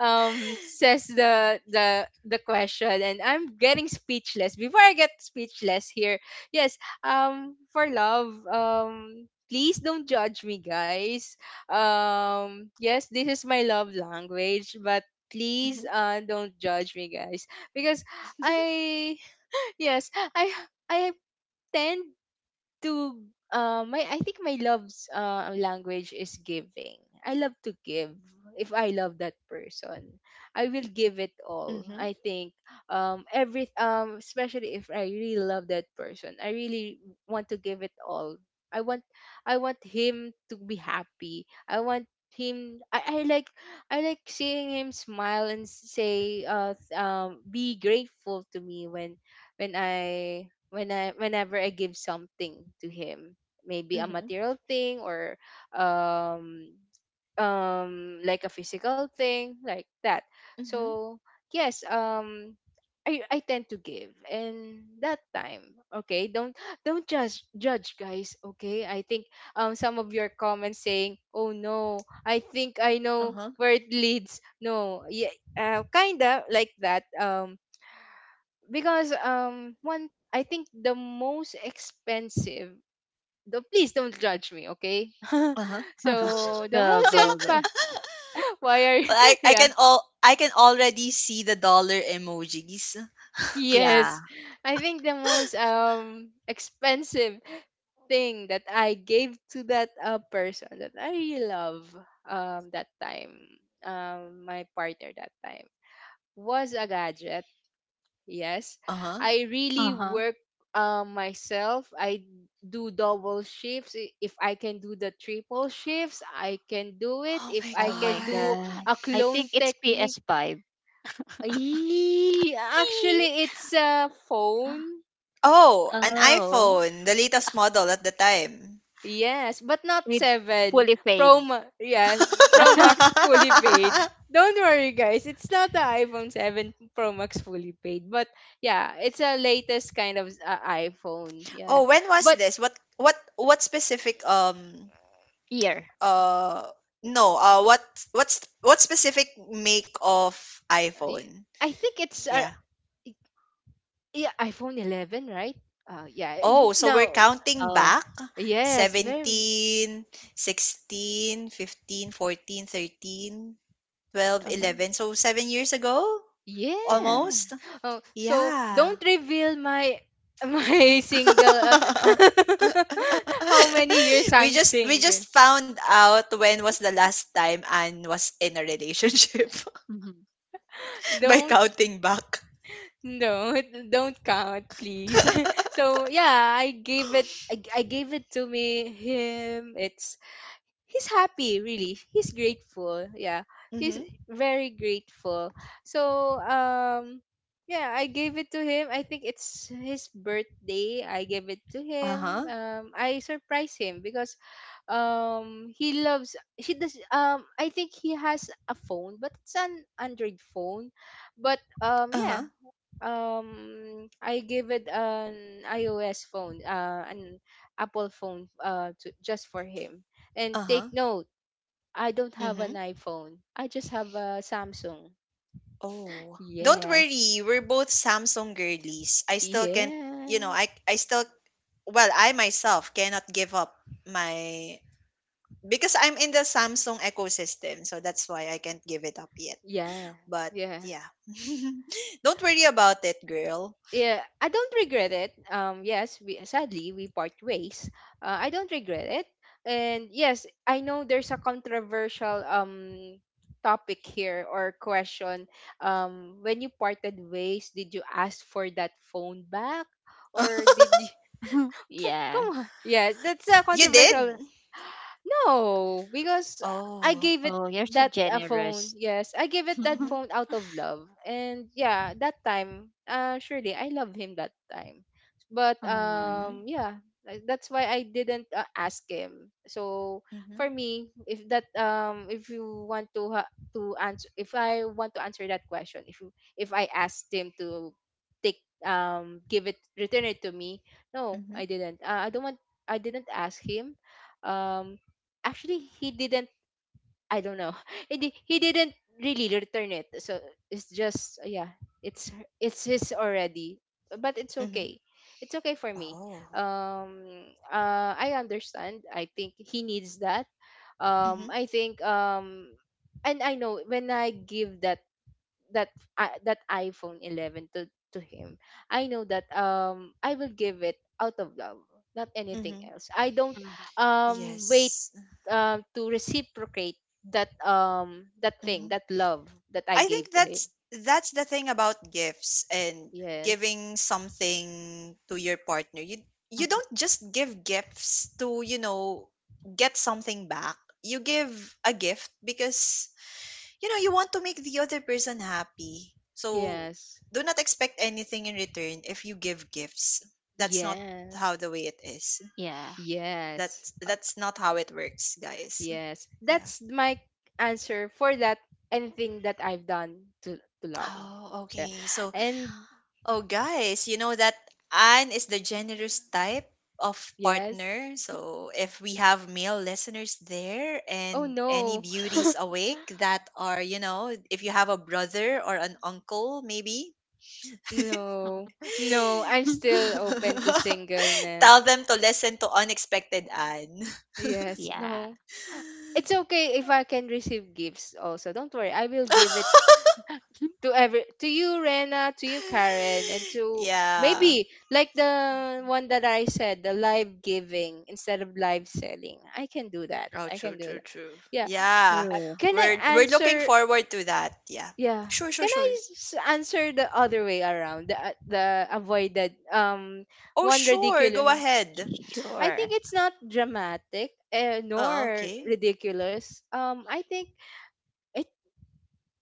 Speaker 2: says the question and I'm getting speechless. Before I get speechless here, yes, for love, please don't judge me, guys. Yes, this is my love language, but please
Speaker 1: Mhm.
Speaker 2: don't judge me, guys, because I yes, I tend to my I think my love's language is giving. I love to give. If I love that person, I will give it all.
Speaker 1: Mhm.
Speaker 2: I think every especially if I really love that person, I really want to give it all. I want I want him to be happy. I want him I like I like seeing him smile and say be grateful to me when I whenever I give something to him, maybe a
Speaker 1: Mhm.
Speaker 2: material thing or um like a physical thing like that.
Speaker 1: Mhm.
Speaker 2: So yes, I tend to give, and that time, okay, don't judge, guys, okay? I think some of your comments saying, "Oh no, I think I know
Speaker 1: Uh-huh.
Speaker 2: where it leads." No, yeah, kinda like that. Because one I think the most expensive the please don't judge me, okay?
Speaker 1: Uh-huh.
Speaker 2: so the
Speaker 3: go,
Speaker 2: most
Speaker 3: go,
Speaker 2: impa
Speaker 3: go.
Speaker 2: why are you-
Speaker 1: Well, I
Speaker 2: yeah.
Speaker 1: can all I can already see the dollar emojis.
Speaker 3: Yeah.
Speaker 2: Yes. I think the most expensive thing that I gave to that person that I really love that time, my partner that time, was a gadget. Yes,
Speaker 1: Uh-huh.
Speaker 2: I really
Speaker 3: Uh-huh.
Speaker 2: work myself. I do double shifts. If I can do the triple shifts, I can do it.
Speaker 1: Oh
Speaker 2: If
Speaker 1: my
Speaker 2: I
Speaker 3: Oh my
Speaker 2: can
Speaker 1: god.
Speaker 2: do
Speaker 3: God.
Speaker 2: a
Speaker 3: I think
Speaker 2: clone
Speaker 3: it's
Speaker 2: technique,
Speaker 3: PS5.
Speaker 2: Yee,
Speaker 3: Eee.
Speaker 2: actually, it's a phone.
Speaker 1: Oh, an
Speaker 3: Oh.
Speaker 1: iPhone, the latest model at the time.
Speaker 2: Yes, but not
Speaker 3: With
Speaker 2: seven.
Speaker 3: fully
Speaker 2: Pro
Speaker 3: paid.
Speaker 2: Ma- yes, Pro Max fully paid. Don't worry, guys. It's not the iPhone 7 Pro Max fully paid, but yeah, it's a latest kind of iPhone. Yeah,
Speaker 1: Oh, when was
Speaker 2: but
Speaker 1: this? What specific
Speaker 3: Year.
Speaker 1: uh no, what what's what specific make of
Speaker 2: Y-
Speaker 1: iPhone?
Speaker 2: I think it's
Speaker 1: Yeah.
Speaker 2: y- yeah, iPhone 11, right? Yeah.
Speaker 1: Oh, so we're
Speaker 2: No.
Speaker 1: counting
Speaker 3: Oh.
Speaker 1: back
Speaker 2: Yes. Very.
Speaker 1: 17, 16, 15, 14, 13, 12, 11.
Speaker 3: Oh.
Speaker 1: So 7 years ago
Speaker 3: Yeah.
Speaker 2: Yes.
Speaker 1: almost.
Speaker 2: Oh, so
Speaker 1: Yeah.
Speaker 2: don't reveal my my single. How many years I'm
Speaker 1: We
Speaker 2: single?
Speaker 1: just found out when was the last time Anne was in a relationship,
Speaker 3: Mm-hmm.
Speaker 1: by
Speaker 2: Don't
Speaker 1: counting back.
Speaker 2: don't don't count, please. So yeah, I gave it. I gave it to me him. It's he's happy, really, he's grateful, yeah, he's
Speaker 1: Mm-hmm.
Speaker 2: very grateful. So yeah, I gave it to him. I think it's his birthday. I gave it to him.
Speaker 1: Uh-huh.
Speaker 2: I surprised him because he loves he does I think he has a phone, but it's an Android phone. But yeah,
Speaker 1: Uh-huh.
Speaker 2: I gave it an iOS phone, an Apple phone, to, just for him. And
Speaker 1: Uh-huh.
Speaker 2: take note, I don't have
Speaker 1: Hmm.
Speaker 2: an iPhone. I just have a Samsung.
Speaker 1: Oh. Don't
Speaker 2: Yes.
Speaker 1: worry, we're both Samsung girlies. I still can't, you know,
Speaker 2: Yeah.
Speaker 1: I still well, I myself cannot give up my, because I'm in the Samsung ecosystem, so that's why I can't give it up yet.
Speaker 2: Yeah.
Speaker 1: But
Speaker 2: Yeah.
Speaker 1: yeah. Don't worry about it, girl.
Speaker 2: Yeah, I don't regret it. Yes, we sadly we part ways. I don't regret it, and yes, I know there's a controversial topic here or question. When you parted ways, did you ask for that phone back, or did you?
Speaker 3: yeah.
Speaker 2: Come on, yes, that's a
Speaker 1: You did?
Speaker 2: controversial No, because I
Speaker 1: Oh.
Speaker 2: gave it
Speaker 3: Oh, you're so
Speaker 2: that a phone.
Speaker 3: generous.
Speaker 2: Yes, I gave it that
Speaker 1: Mhm.
Speaker 2: phone out of love. And yeah, that time, surely I love him that time. But
Speaker 3: Mhm,
Speaker 1: Mhm.
Speaker 2: yeah, like, that's why I didn't ask him. So for
Speaker 1: Mhm.
Speaker 2: me, if that if you want to to answer, if I want to answer that question, if you, if I asked him to take give it, return it to me, no,
Speaker 1: Mhm.
Speaker 2: I didn't. I don't want. I didn't ask him. Um actually he didn't I don't know he, he didn't really return it, so it's just yeah, it's it's his already, but it's
Speaker 1: Mhm.
Speaker 2: okay, it's okay for me.
Speaker 1: Oh.
Speaker 2: um I understand, I think he needs that.
Speaker 1: Mhm.
Speaker 2: I think and I know when I give that that I that iPhone 11 to him, I know that I will give it out of love, not anything
Speaker 1: Mhm.
Speaker 2: else. I don't
Speaker 3: mhm,
Speaker 2: wait
Speaker 1: Yes.
Speaker 2: to reciprocate that thing,
Speaker 1: Mhm.
Speaker 2: that love that I
Speaker 1: I think
Speaker 2: gave to him.
Speaker 1: that's the thing about gifts and
Speaker 2: Yes.
Speaker 1: giving something to your partner. You
Speaker 3: mhm.
Speaker 1: don't just give gifts to get something back. You give a gift because you want to make the other person happy. So
Speaker 2: Yes.
Speaker 1: do not expect anything in return if you give gifts. That's not
Speaker 2: Yes.
Speaker 1: how the way it is.
Speaker 3: Yeah.
Speaker 2: Yes.
Speaker 1: That's that's not how it works, guys.
Speaker 2: Yes.
Speaker 1: Yeah.
Speaker 2: That's my answer for that, anything that I've done to love.
Speaker 1: Oh,
Speaker 2: Yeah.
Speaker 1: okay. So,
Speaker 2: And
Speaker 1: oh guys, you know that Anne is the generous type of
Speaker 2: yes.
Speaker 1: partner. So, if we have male listeners there
Speaker 2: Oh
Speaker 1: and any
Speaker 2: no.
Speaker 1: beauties awake that are if you have a brother or an uncle maybe.
Speaker 2: No, no, I'm
Speaker 3: Mhm.
Speaker 2: still open to
Speaker 1: Tell
Speaker 2: singleness.
Speaker 1: them to listen to Unexpected Anne.
Speaker 2: Yes,
Speaker 3: Yeah.
Speaker 2: no. It's okay if I can receive gifts also. Don't worry. I will give it to every to you, Rena, to you, Karen, and to
Speaker 1: Yeah.
Speaker 2: maybe like the one that I said, the live giving instead of live selling. I can do that.
Speaker 1: Oh,
Speaker 2: I
Speaker 1: true,
Speaker 2: can do
Speaker 1: true,
Speaker 2: that.
Speaker 1: true.
Speaker 2: Yeah.
Speaker 1: Yeah.
Speaker 3: True.
Speaker 2: Can
Speaker 1: We're
Speaker 2: I
Speaker 1: we're looking
Speaker 2: answer?
Speaker 1: forward to that. Yeah.
Speaker 2: Yeah.
Speaker 1: Sure, sure,
Speaker 2: Can I
Speaker 1: sure.
Speaker 2: answer the other way around? The avoided
Speaker 1: Oh,
Speaker 2: one
Speaker 1: sure. Go
Speaker 2: ridiculous.
Speaker 1: ahead.
Speaker 2: I
Speaker 3: Sure.
Speaker 2: think it's not dramatic
Speaker 1: Oh,
Speaker 2: nor
Speaker 1: okay.
Speaker 2: ridiculous. I think it.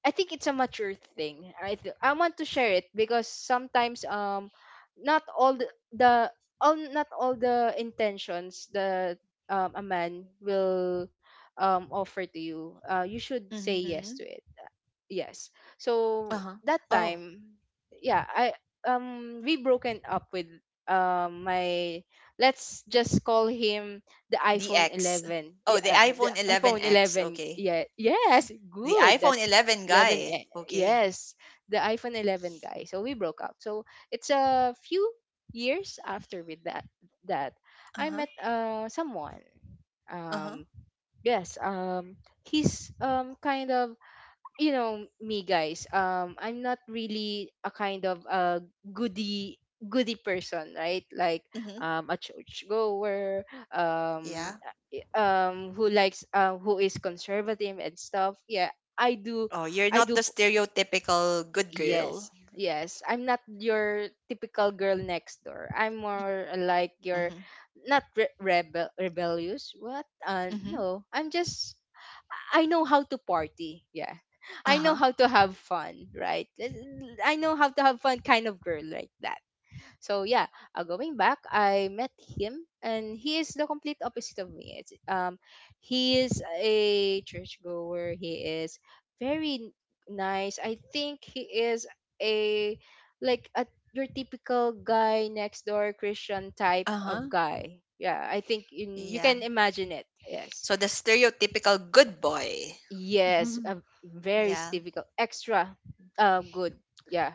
Speaker 2: I think it's a mature thing. I want to share it because sometimes not all the all not all the intentions that a man will offer to you. You should say
Speaker 1: Mhm.
Speaker 2: yes to it, yes.
Speaker 1: Uh-huh.
Speaker 2: So that
Speaker 1: Oh,
Speaker 2: time, yeah, I we broken up with my, let's just call him the
Speaker 1: the
Speaker 2: iPhone
Speaker 1: X.
Speaker 2: 11. Yeah,
Speaker 1: Oh, the
Speaker 2: the
Speaker 1: iPhone
Speaker 2: iPhone
Speaker 1: 11X.
Speaker 2: 11,
Speaker 1: Okay.
Speaker 2: yeah, yes,
Speaker 1: The
Speaker 2: good,
Speaker 1: iPhone
Speaker 2: that's
Speaker 1: 11
Speaker 2: 11.
Speaker 1: guy. Okay.
Speaker 2: Yes, the iPhone 11 guy. So we broke up. So it's a few years after with that I
Speaker 1: Uh-huh.
Speaker 2: met someone.
Speaker 1: Uh-huh.
Speaker 2: um yes, he's kind of you know me, guys, I'm not really a kind of a goody goody person, right, like
Speaker 1: Mhm.
Speaker 2: a church goer, um
Speaker 1: Yeah.
Speaker 2: who likes who is conservative and stuff, yeah. i do
Speaker 1: Oh, you're
Speaker 2: i
Speaker 1: not the
Speaker 2: do p-
Speaker 1: stereotypical good
Speaker 2: yes,
Speaker 1: girl.
Speaker 2: yes, I'm not your typical girl next door. I'm
Speaker 3: Mhm.
Speaker 2: more like your
Speaker 1: Mm-hmm.
Speaker 2: not re- rebellious, what,
Speaker 1: Mhm.
Speaker 2: no, I'm just I know how to party. Yeah. I know
Speaker 1: Uh-huh.
Speaker 2: how to have fun, right? I know how to have fun kind of girl like that. So yeah, going back, I met him, and he is the complete opposite of me. It's, he is a churchgoer. He is very nice. I think he is a like a your typical guy next door Christian type of
Speaker 1: Uh-huh.
Speaker 2: guy. Yeah, I think in, you
Speaker 1: Yeah.
Speaker 2: can imagine it. Yes.
Speaker 1: So the stereotypical good boy.
Speaker 2: Yes, very
Speaker 1: Yeah.
Speaker 2: difficult. Extra good. Yeah.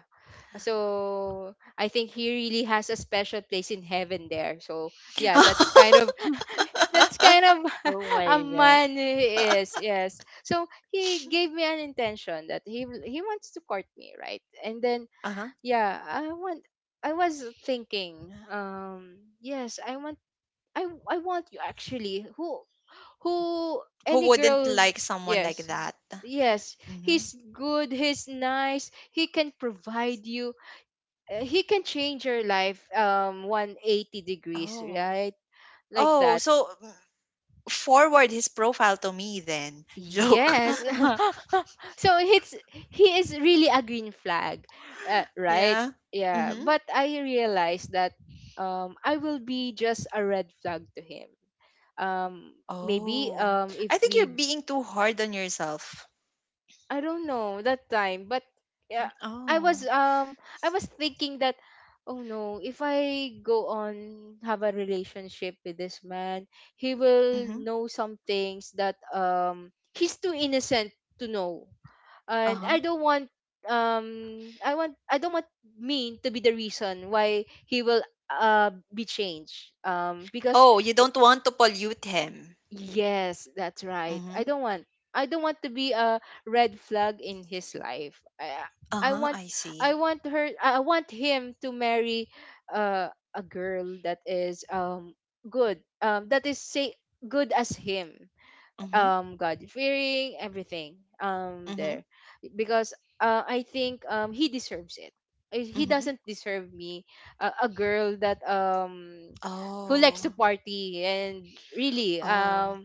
Speaker 2: So I think he really has a special place in heaven there. So yeah, that's kind of that's kind of
Speaker 3: Oh
Speaker 2: a
Speaker 3: my God.
Speaker 2: man he is. Yes. So he gave me an intention that he wants to court me, right? And then
Speaker 1: Uh-huh.
Speaker 2: yeah, I was thinking, yes, I want you, actually. Who any
Speaker 1: Who wouldn't
Speaker 2: girl
Speaker 1: like someone like
Speaker 2: yes
Speaker 1: that?
Speaker 2: yes,
Speaker 1: Mhm.
Speaker 2: he's good, he's nice, he can provide you, he can change your life 180 degrees,
Speaker 1: Oh.
Speaker 2: right, like
Speaker 1: Oh,
Speaker 2: that,
Speaker 1: so forward his profile to me then. Joke.
Speaker 2: yes. So it's he is really a green flag, right,
Speaker 1: Yeah.
Speaker 2: yeah,
Speaker 1: Mhm.
Speaker 2: but I realized that I will be just a red flag to him. um Maybe
Speaker 1: Oh.
Speaker 2: if
Speaker 1: I think you're
Speaker 2: we
Speaker 1: being too hard on yourself.
Speaker 2: I don't know that time, but yeah,
Speaker 1: Oh.
Speaker 2: I was thinking that, oh no, if I go on have a relationship with this man, he will
Speaker 1: Mhm.
Speaker 2: know some things that he's too innocent to know. And
Speaker 1: Uh-huh.
Speaker 2: I want, I don't want me to be the reason why he will be changed. Because
Speaker 1: Oh, you don't want to pollute him.
Speaker 2: yes, that's right.
Speaker 1: Mhm.
Speaker 2: I don't want to be a red flag in his life. I
Speaker 1: Uh-huh,
Speaker 2: want
Speaker 1: I see.
Speaker 2: I want him to marry a girl that is good. That is say good as him.
Speaker 1: Mhm.
Speaker 2: God fearing, everything.
Speaker 1: Mhm.
Speaker 2: There. Because I think he deserves it. He
Speaker 1: Mhm.
Speaker 2: doesn't deserve me, a girl that who likes to
Speaker 1: Oh,
Speaker 2: party and really
Speaker 1: oh.
Speaker 2: um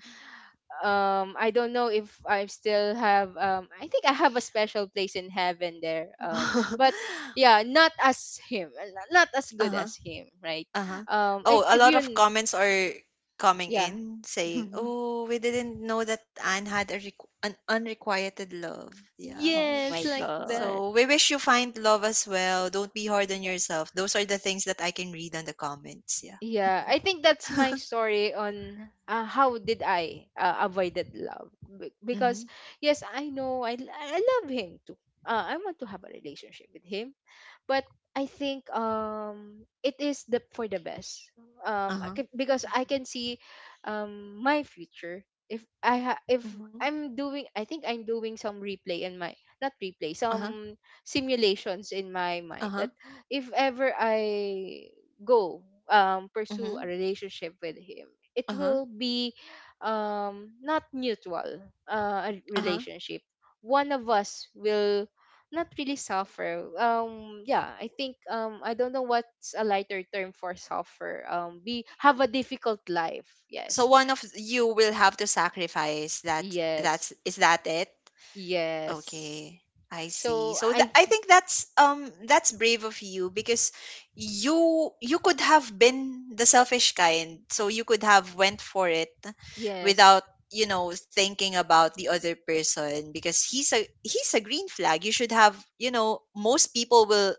Speaker 2: um I don't know if I still have I think I have a special place in heaven there, but yeah, not as him, not as good
Speaker 1: Uh-huh,
Speaker 2: as him, right.
Speaker 1: uh-huh. Oh, a
Speaker 2: If
Speaker 1: lot
Speaker 2: you
Speaker 1: of comments are coming
Speaker 2: yeah
Speaker 1: in saying, "Oh, we didn't know that Anne had a requ an unrequited love." Yeah.
Speaker 3: Oh
Speaker 2: yes
Speaker 3: my
Speaker 2: like that.
Speaker 3: God.
Speaker 1: So we wish you find love as well. Don't be hard on
Speaker 3: Yeah.
Speaker 1: yourself. Those are the things that I can read on the comments. Yeah.
Speaker 2: Yeah, I think that's my story on how did I avoided love.
Speaker 1: Mm-hmm.
Speaker 2: Because yes, I know I love him too. I want to have a relationship with him, but I think it is the for the best.
Speaker 1: Uh-huh.
Speaker 2: Because I can see my future if
Speaker 1: Mm-hmm.
Speaker 2: I'm doing I think I'm doing some replay in my not replay
Speaker 1: Uh-huh.
Speaker 2: some simulations in my mind
Speaker 1: Uh-huh.
Speaker 2: that if ever I go pursue
Speaker 1: Mm-hmm.
Speaker 2: a relationship with him, it
Speaker 1: Uh-huh.
Speaker 2: will be not mutual, a
Speaker 1: Uh-huh.
Speaker 2: relationship. One of us will not really suffer. Yeah, I think I don't know what's a lighter term for suffer. We have a difficult life,
Speaker 1: So
Speaker 2: yes,
Speaker 1: one of you will have to sacrifice. That that's
Speaker 2: yes,
Speaker 1: is that it?
Speaker 2: yes.
Speaker 1: Okay, I see.
Speaker 2: So
Speaker 1: So tha I think that's brave of you because you could have been the selfish kind. So you could have went for it
Speaker 2: yes,
Speaker 1: without thinking about the other person because he's a green flag. You should have most people will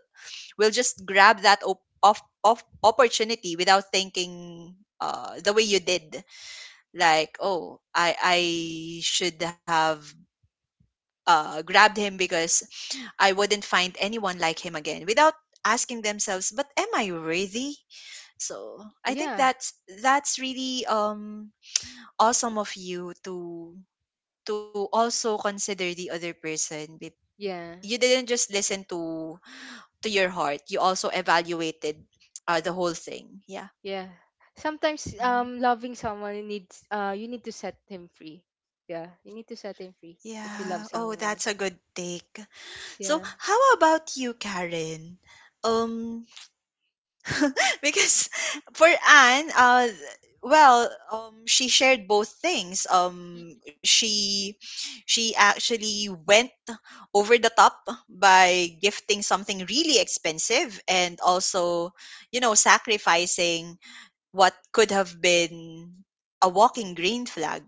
Speaker 1: will just grab that op off off opportunity without thinking the way you did. Like, oh, I should have grabbed him because I wouldn't find anyone like him again without asking themselves, but am I worthy? So I think
Speaker 2: yeah,
Speaker 1: that's really awesome of you to also consider the other person.
Speaker 2: yeah.
Speaker 1: You didn't just listen to your heart. You also evaluated the whole thing. Yeah.
Speaker 2: Yeah. Sometimes
Speaker 1: Mhm.
Speaker 2: loving someone needs you need to set him free. Yeah, you need to set him free
Speaker 3: Oh
Speaker 2: if you
Speaker 1: Yeah.
Speaker 3: my
Speaker 2: love
Speaker 3: God.
Speaker 1: Oh, that's
Speaker 2: someone.
Speaker 1: a good take. So,
Speaker 2: Yeah.
Speaker 1: how about you, Karen? Um, because for Anne, well, she shared both things. She actually went over the top by gifting something really expensive and also sacrificing what could have been a walking green flag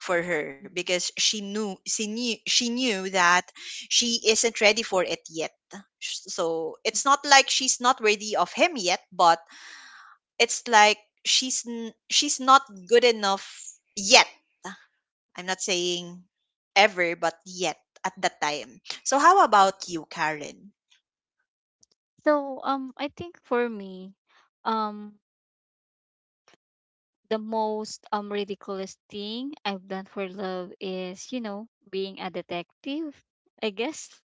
Speaker 1: for her
Speaker 3: Mhm.
Speaker 1: because she knew that she isn't ready for it yet. So it's not like she's not worthy of him yet, but it's like she's not good enough yet. I'm not saying ever, but yet at that time. So how about you, Karen?
Speaker 3: So, I think for me, um the most, ridiculous thing I've done for love is, you know, being a detective, I guess.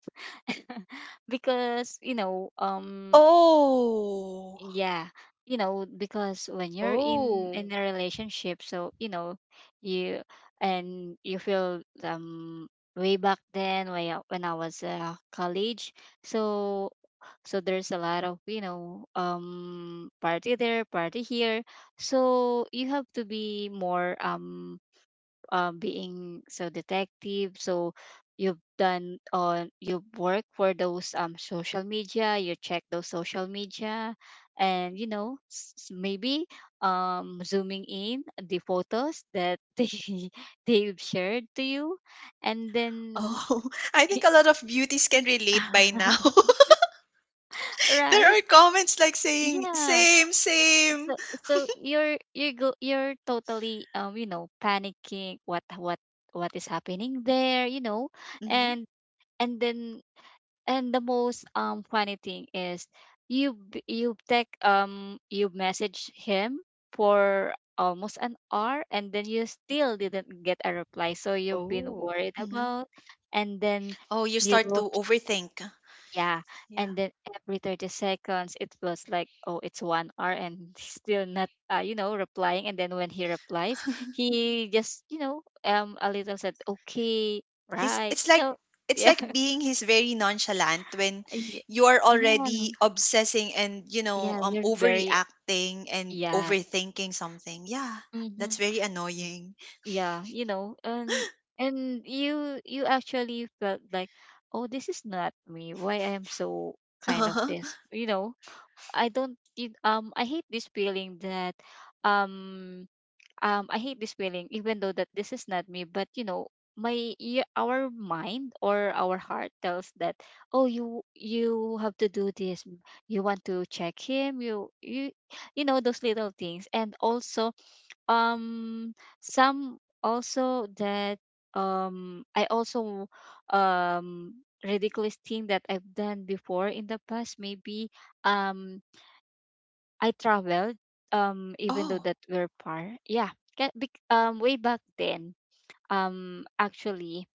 Speaker 3: Because, you know,
Speaker 1: Oh,
Speaker 3: yeah, you know, because when you're in
Speaker 2: Oh.
Speaker 3: in a relationship, so you know, you, and you feel, way back then when I was, college, so so there's a lot of you know party there, party here, so you have to be more, being so detective, so you've done on you've worked for those, social media, you check those social media, and you know maybe, zooming in the photos that they've shared to you, and then
Speaker 1: oh. I think a lot of beauties can relate by now.
Speaker 3: right,
Speaker 1: There are comments like saying
Speaker 3: yeah,
Speaker 1: same,
Speaker 3: so
Speaker 1: same.
Speaker 3: so you're totally, you know, panicking what is happening there, you know.
Speaker 1: Hmm.
Speaker 3: And and then, and the most, funny thing is, you b- you take you message him for almost an hour, and then you still didn't get a reply, so you've been
Speaker 2: Oh.
Speaker 3: worried
Speaker 1: Hmm.
Speaker 3: about, and then
Speaker 1: Oh, you
Speaker 3: you
Speaker 1: start to
Speaker 3: look,
Speaker 1: overthink.
Speaker 3: yeah,
Speaker 1: Yeah.
Speaker 3: and then every 30 seconds it was like, oh, it's one hour, and he's still not, you know, replying. And then when he replies, he just you know, a little said okay,
Speaker 1: He's
Speaker 3: right,
Speaker 1: it's
Speaker 3: you
Speaker 1: like
Speaker 3: know.
Speaker 1: it's
Speaker 3: Yeah,
Speaker 1: like being he's very nonchalant when you are already
Speaker 3: yeah.
Speaker 1: obsessing and
Speaker 3: Yeah, you're very,
Speaker 1: overreacting and
Speaker 3: yeah.
Speaker 1: overthinking something. Yeah,
Speaker 3: Hmm.
Speaker 1: that's very annoying.
Speaker 3: Yeah, you know, and you actually felt like, oh, this is not me. Why I am so kind of
Speaker 1: Uh-huh.
Speaker 3: this, you know? I don't it, I hate this feeling that, um I hate this feeling even though that this is not me, but you know, our mind or our heart tells that, oh, you have to do this, you want to check him, you you know those little things. And also, um some also that, I also ridiculous thing that I've done before in the past, maybe, um I traveled, even though
Speaker 1: Oh.
Speaker 3: that we're par yeah, way back then, actually,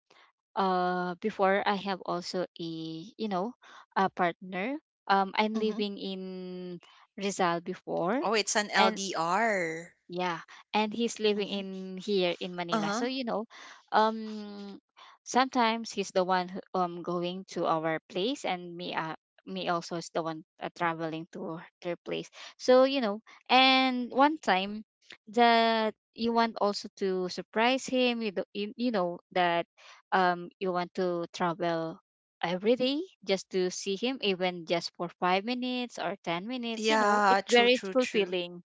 Speaker 3: before I have also a you know a partner, I'm
Speaker 1: Mm-hmm.
Speaker 3: living in Rizal before,
Speaker 1: Oh, it's an
Speaker 3: and
Speaker 1: LDR.
Speaker 3: yeah, and he's living
Speaker 1: Mm-hmm.
Speaker 3: in here in Manila. So,
Speaker 1: Uh-huh.
Speaker 3: you know, um sometimes he's the one who, um, going to our place, and me me also is the one, traveling to their place. So, you know, and one time that you want also to surprise him, you do, you know that, you want to travel every day just to see him, even just for 5 minutes or 10 minutes, you know, it's
Speaker 1: Yeah, true,
Speaker 3: very
Speaker 1: true, true.
Speaker 3: fulfilling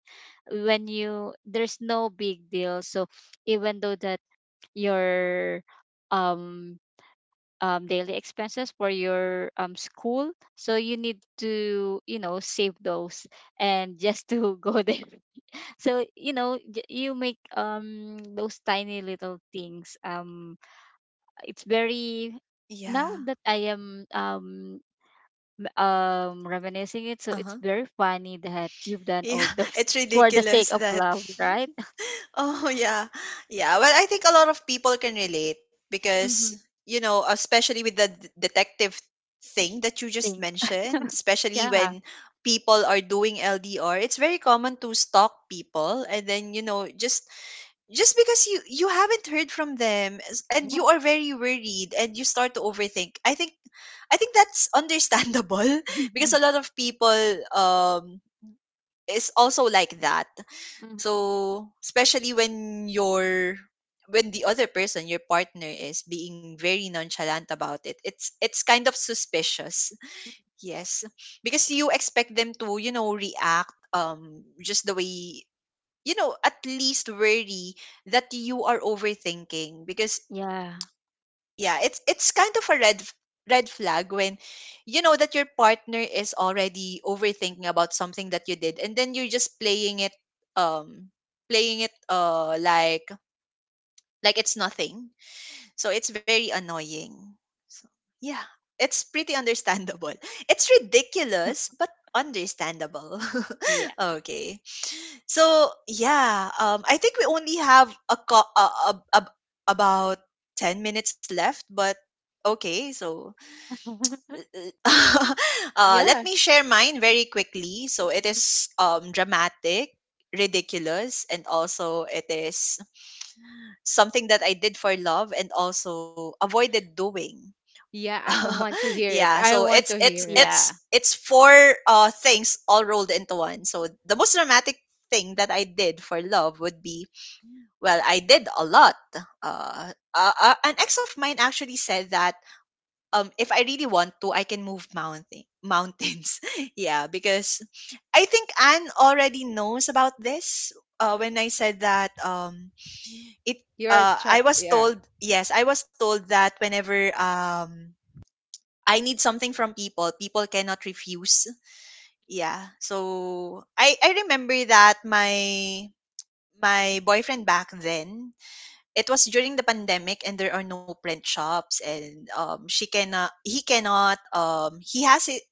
Speaker 3: when you there's no big deal. So even though that your, um daily expenses for your, school, so you need to you know save those, and just to go there, so you know you make, those tiny little things, it's very, now
Speaker 1: Yeah.
Speaker 3: that I am, reminiscing it, so it's
Speaker 1: Uh-huh.
Speaker 3: very funny that you've done
Speaker 1: Yeah,
Speaker 3: all those
Speaker 1: it's
Speaker 3: for the sake
Speaker 1: ridiculous
Speaker 3: of
Speaker 1: that.
Speaker 3: love, right?
Speaker 1: Oh yeah. Yeah, well I think a lot of people can relate because especially with the detective thing that you just
Speaker 3: Thing.
Speaker 1: mentioned, especially
Speaker 3: Yeah.
Speaker 1: when people are doing LDR, it's very common to stalk people and then just because you haven't heard from them and
Speaker 3: Yeah.
Speaker 1: you are very worried and you start to overthink. I think that's understandable. Because a lot of people um is also like that.
Speaker 3: Mhm.
Speaker 1: So, especially when the other person, your partner is being very nonchalant about it, it's kind of suspicious. Yes. Because you expect them to react just the way at least worry that you are overthinking. Because
Speaker 3: Yeah.
Speaker 1: yeah, it's kind of a red flag when you know that your partner is already overthinking about something that you did and then you're just um playing it like it's nothing. So it's very annoying. So yeah, it's pretty understandable. It's ridiculous but understandable.
Speaker 3: Yeah.
Speaker 1: Okay. So yeah, I think we only have a, co- a about 10 minutes left, but okay. So let
Speaker 2: Yeah.
Speaker 1: me share mine very quickly. So it is dramatic, ridiculous, and also it is something that I did for love and also avoided doing.
Speaker 2: Yeah, I want to hear it.
Speaker 1: Yeah,
Speaker 2: I
Speaker 1: so
Speaker 2: want
Speaker 1: it's
Speaker 2: to
Speaker 1: it's
Speaker 2: hear it.
Speaker 1: it's
Speaker 3: Yeah.
Speaker 1: it's four things all rolled into one. So the most dramatic thing that I did for love would be, well, I did a lot. An ex of mine actually said that if I really want to, I can move mountains. Yeah, because I think Anne already knows about this. When I said that, it
Speaker 2: You're
Speaker 1: I
Speaker 2: char
Speaker 1: was
Speaker 2: yeah.
Speaker 1: told, yes, I was told that whenever I need something from people, people cannot refuse. Yeah, so I remember that my boyfriend back then, it was during the pandemic and there are no print shops. And she cannot he cannot, he has it.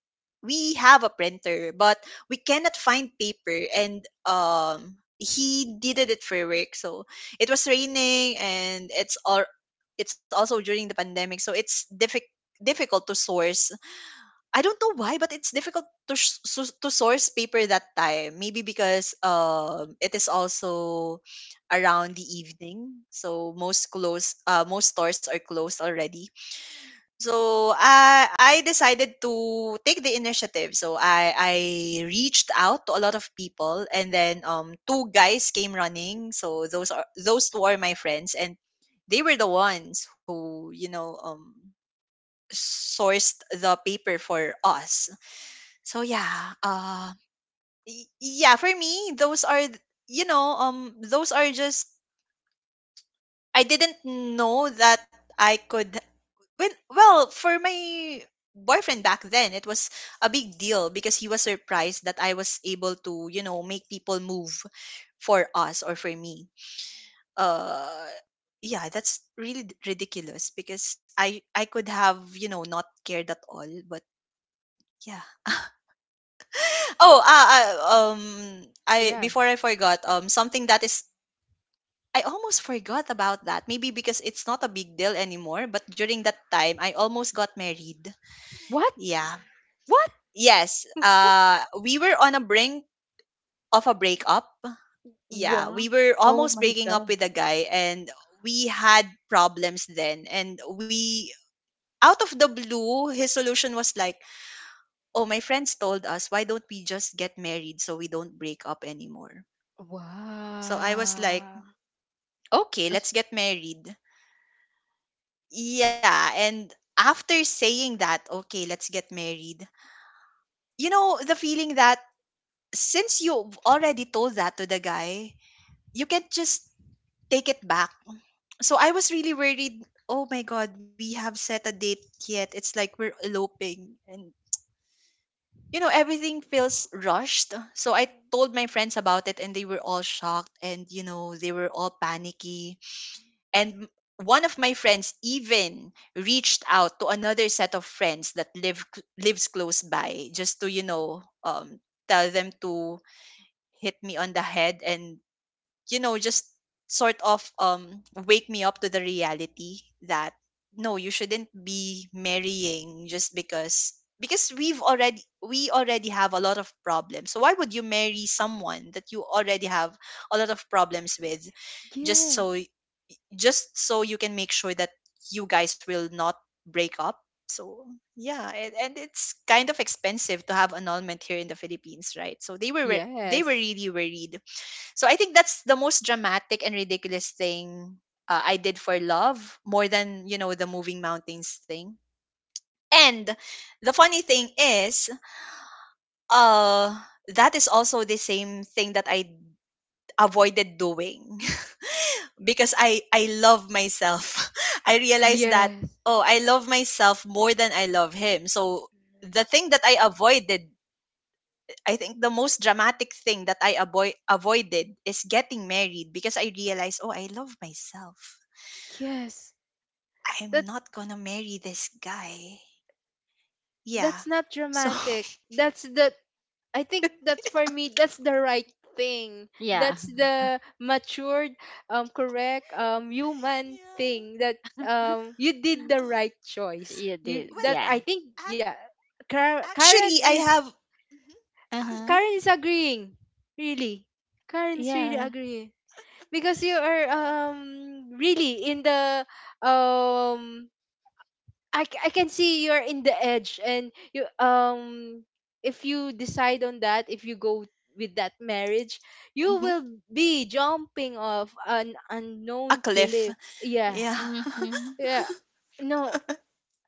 Speaker 1: We have a printer but we cannot find paper, and he did it for work. So it was raining and it's also during the pandemic, so it's difficult to source. I don't know why, but it's difficult to source paper that time. Maybe because it is also around the evening, so most stores are closed already. So I decided to take the initiative. So I reached out to a lot of people, and then two guys came running. So those two are my friends, and they were the ones who sourced the paper for us. So yeah, yeah, for me, those are just. I didn't know that I could, when well, for my boyfriend back then it was a big deal because he was surprised that I was able to make people move for us or for me. Uh, yeah, that's really ridiculous because I could have not cared at all, but yeah. Oh, um, I
Speaker 2: Yeah.
Speaker 1: before I forgot, something that is I almost forgot about that. Maybe because it's not a big deal anymore, but during that time, I almost got married.
Speaker 2: What?
Speaker 1: Yeah.
Speaker 2: What?
Speaker 1: Yes.
Speaker 2: What?
Speaker 1: We were on a brink of a breakup. Yeah,
Speaker 2: Wow.
Speaker 1: we were
Speaker 3: Oh
Speaker 1: almost
Speaker 3: my
Speaker 1: breaking up
Speaker 3: God.
Speaker 1: with a guy, and we had problems then. And out of the blue, his solution was like, "Oh, my friends told us, why don't we just get married so we don't break up anymore?" So I was like,
Speaker 2: Wow.
Speaker 1: okay,
Speaker 2: As-
Speaker 1: let's get married. Yeah, and after saying that, okay, let's get married. You know, the feeling that since you've already told that to the guy, you can't just take it back. So I was really worried. Oh my god, we have set a date yet. It's like we're eloping and everything feels rushed. So I told my friends about it and they were all shocked, and they were all panicky. And one of my friends even reached out to another set of friends that lives close by just to tell them to hit me on the head and just sort of wake me up to the reality that no, you shouldn't be marrying just because we already have a lot of problems. So why would you marry someone that you already have a lot of problems with just so
Speaker 2: Yes.
Speaker 1: just so you can make sure that you guys will not break up. So yeah, and it's kind of expensive to have annulment here in the Philippines, right? So they were
Speaker 2: Yes.
Speaker 1: really worried. So I think that's the most dramatic and ridiculous thing I did for love, more than the moving mountains thing. And the funny thing is, uh, that is also the same thing that I avoided doing because I love myself. I realized that,
Speaker 2: Yes.
Speaker 1: oh, I love myself more than I love him. So the thing that I avoided, I think the most dramatic thing that I avoided is getting married because I realized, oh, I love myself.
Speaker 2: Yes.
Speaker 1: I'm
Speaker 2: That
Speaker 1: not gonna marry this guy. Yeah.
Speaker 2: that's not
Speaker 1: So
Speaker 2: dramatic. That's the I think that's for me. That's the right thing.
Speaker 3: Yeah.
Speaker 2: That's the matured, correct, human
Speaker 1: yeah.
Speaker 2: thing that you did the
Speaker 1: Oh,
Speaker 2: right choice.
Speaker 3: You did.
Speaker 2: You
Speaker 1: well,
Speaker 2: that
Speaker 3: Yeah.
Speaker 2: I think yeah.
Speaker 1: ac-
Speaker 2: Kar- Karen
Speaker 1: actually, I
Speaker 2: is
Speaker 1: have. Mhm.
Speaker 3: Uh-huh.
Speaker 2: Karen is agreeing. Really, Karen's really
Speaker 3: Yeah.
Speaker 2: agreeing because you are
Speaker 1: Yeah.
Speaker 2: really in the um I can see you're in the edge and you if you decide on that, if you go with that marriage, you
Speaker 1: Hmm.
Speaker 2: will be jumping off an
Speaker 1: A
Speaker 2: unknown
Speaker 1: cliff.
Speaker 2: cliff, yeah,
Speaker 1: Yeah.
Speaker 3: Mm-hmm.
Speaker 2: yeah, no,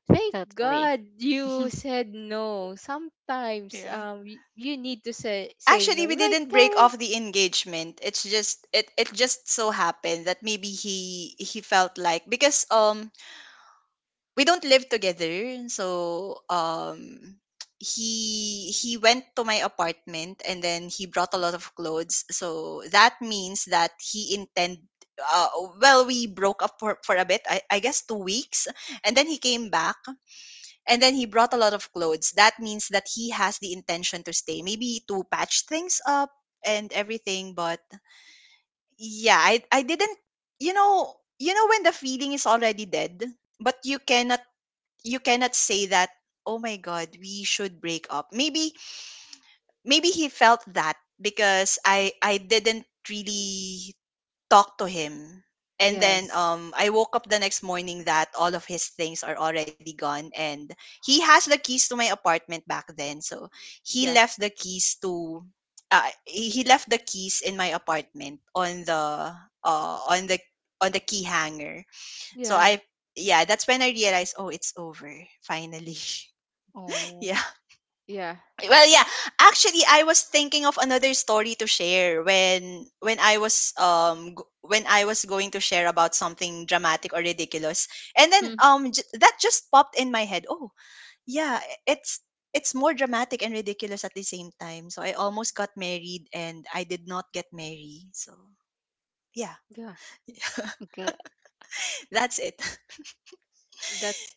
Speaker 2: thank
Speaker 3: Totally.
Speaker 2: God you said no. Sometimes
Speaker 1: Yeah.
Speaker 2: you need to say
Speaker 1: Actually,
Speaker 2: no,
Speaker 1: we
Speaker 2: right,
Speaker 1: didn't break
Speaker 2: Karen?
Speaker 1: off the engagement. It's just it just so happened that maybe he felt like because we don't live together, so he went to my apartment, and then he brought a lot of clothes. So that means that he intend— uh well, we broke up for a bit, I guess 2 weeks, and then he came back and then he brought a lot of clothes. That means that he has the intention to stay, maybe to patch things up and everything. But yeah, I didn't. You know when the feeling is already dead, but you cannot say that, oh my God, we should break up. Maybe maybe he felt that because I didn't really talk to him. And then
Speaker 2: Yes.
Speaker 1: I woke up the next morning that all of his things are already gone. And he has the keys to my apartment back then. So he
Speaker 2: Yeah.
Speaker 1: left the keys to. He left the keys in my apartment on the on the on the key hanger. So
Speaker 2: Yeah.
Speaker 1: I, yeah, that's when I realized, oh, it's over finally.
Speaker 3: Oh.
Speaker 1: Yeah.
Speaker 2: Yeah.
Speaker 1: Well, yeah. Actually, I was thinking of another story to share when I was when I was going to share about something dramatic or ridiculous, and then
Speaker 3: Mm,
Speaker 1: that just popped in my head. Oh, yeah, it's it's more dramatic and ridiculous at the same time. So I almost got married, and I did not get married. So yeah,
Speaker 2: Yeah.
Speaker 3: good.
Speaker 1: that's it.
Speaker 2: That's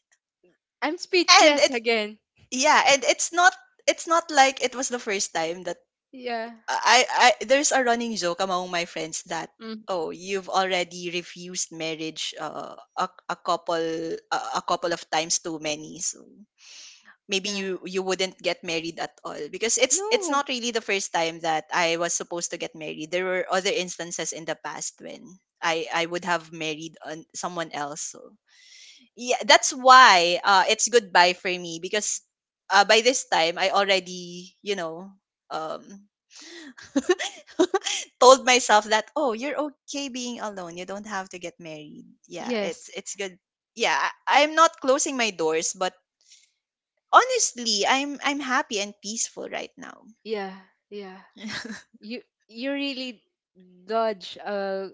Speaker 2: I'm
Speaker 1: And
Speaker 2: speechless
Speaker 1: it's,
Speaker 2: again.
Speaker 1: yeah, and it's not, it's not like it was the first time that
Speaker 2: Yeah.
Speaker 1: I, I there's a running joke among my friends that,
Speaker 3: Mm,
Speaker 1: oh, you've already refused marriage a couple a couple of times too many, so maybe
Speaker 2: Yeah.
Speaker 1: you wouldn't get married at all because it's
Speaker 2: No.
Speaker 1: not really the first time that I was supposed to get married. There were other instances in the past when I would have married on someone else, so yeah, that's why, it's goodbye for me because, by this time I already, you know, um, told myself that, oh, you're okay being alone, you don't have to get married. Yeah, it's
Speaker 2: Yes.
Speaker 1: it's good. Yeah, I- I'm not closing my doors, but honestly, I'm happy and peaceful right now.
Speaker 2: Yeah, yeah. You you really dodge.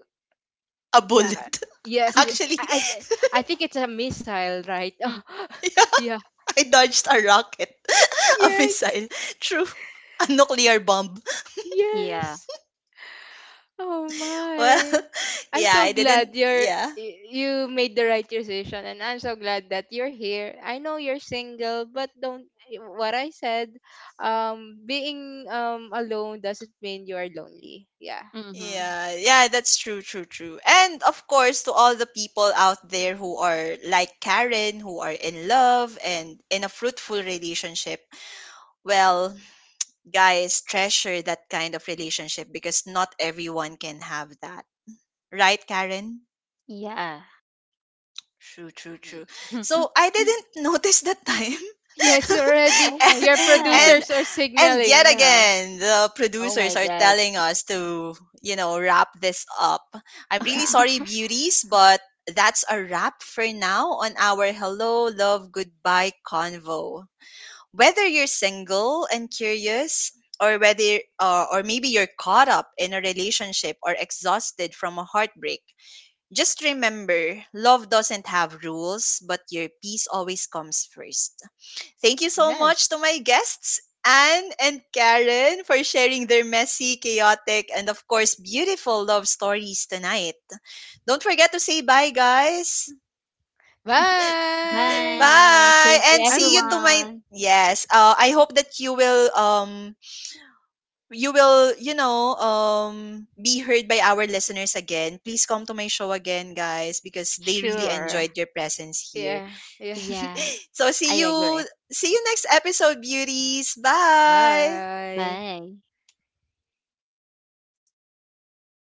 Speaker 1: A
Speaker 2: Yeah.
Speaker 1: bullet.
Speaker 2: Yes,
Speaker 1: Actually,
Speaker 2: I think it's a missile, right? Oh,
Speaker 3: mm,
Speaker 2: yeah.
Speaker 1: I dodged a rocket, a
Speaker 2: Yes.
Speaker 1: missile. True. A nuclear bomb.
Speaker 3: yeah.
Speaker 2: Yes. Oh
Speaker 1: Well,
Speaker 2: my. I'm
Speaker 1: yeah,
Speaker 2: so
Speaker 1: I didn't.
Speaker 2: glad you're
Speaker 1: Yeah.
Speaker 2: you made the right decision, and I'm so glad that you're here. I know you're single, but don't what I said, being alone doesn't mean you're lonely. Yeah.
Speaker 3: Mm-hmm.
Speaker 1: Yeah, yeah, that's true, true, true. And of course, to all the people out there who are like Karen, who are in love and in a fruitful relationship, well, guys, treasure that kind of relationship because not everyone can have that. Right, Karen?
Speaker 3: Yeah.
Speaker 1: True, true, true. So I didn't notice that time.
Speaker 2: Yeah, it's already
Speaker 3: Oh my
Speaker 1: and,
Speaker 2: your
Speaker 3: God.
Speaker 1: and
Speaker 2: producers are
Speaker 1: and yet
Speaker 2: signaling now.
Speaker 1: again, the
Speaker 3: Oh
Speaker 1: producers
Speaker 3: my
Speaker 1: are
Speaker 3: God.
Speaker 1: telling us to, you know, wrap this up. I'm really
Speaker 2: Yeah.
Speaker 1: sorry, beauties, but that's a wrap for now on our Hello Love Goodbye convo. Whether you're single and curious, or whether, or maybe you're caught up in a relationship or exhausted from a heartbreak, just remember, love doesn't have rules, but your peace always comes first. Thank you so much
Speaker 2: Yes.
Speaker 1: to my guests, Anne and Karen, for sharing their messy, chaotic, and of course, beautiful love stories tonight. Don't forget to say bye, guys.
Speaker 2: Bye.
Speaker 3: Bye.
Speaker 1: Bye,
Speaker 3: Thank you,
Speaker 1: and
Speaker 2: I'm
Speaker 1: see you to my,
Speaker 3: everyone.
Speaker 1: yes. I hope that you will you will, you know, be heard by our listeners again. Please come to my show again, guys, because they really
Speaker 3: Sure.
Speaker 1: enjoyed your presence here.
Speaker 2: yeah, yeah.
Speaker 3: Yeah,
Speaker 1: So
Speaker 3: I agree.
Speaker 1: see you next episode, beauties. Bye.
Speaker 2: Bye.
Speaker 3: Bye.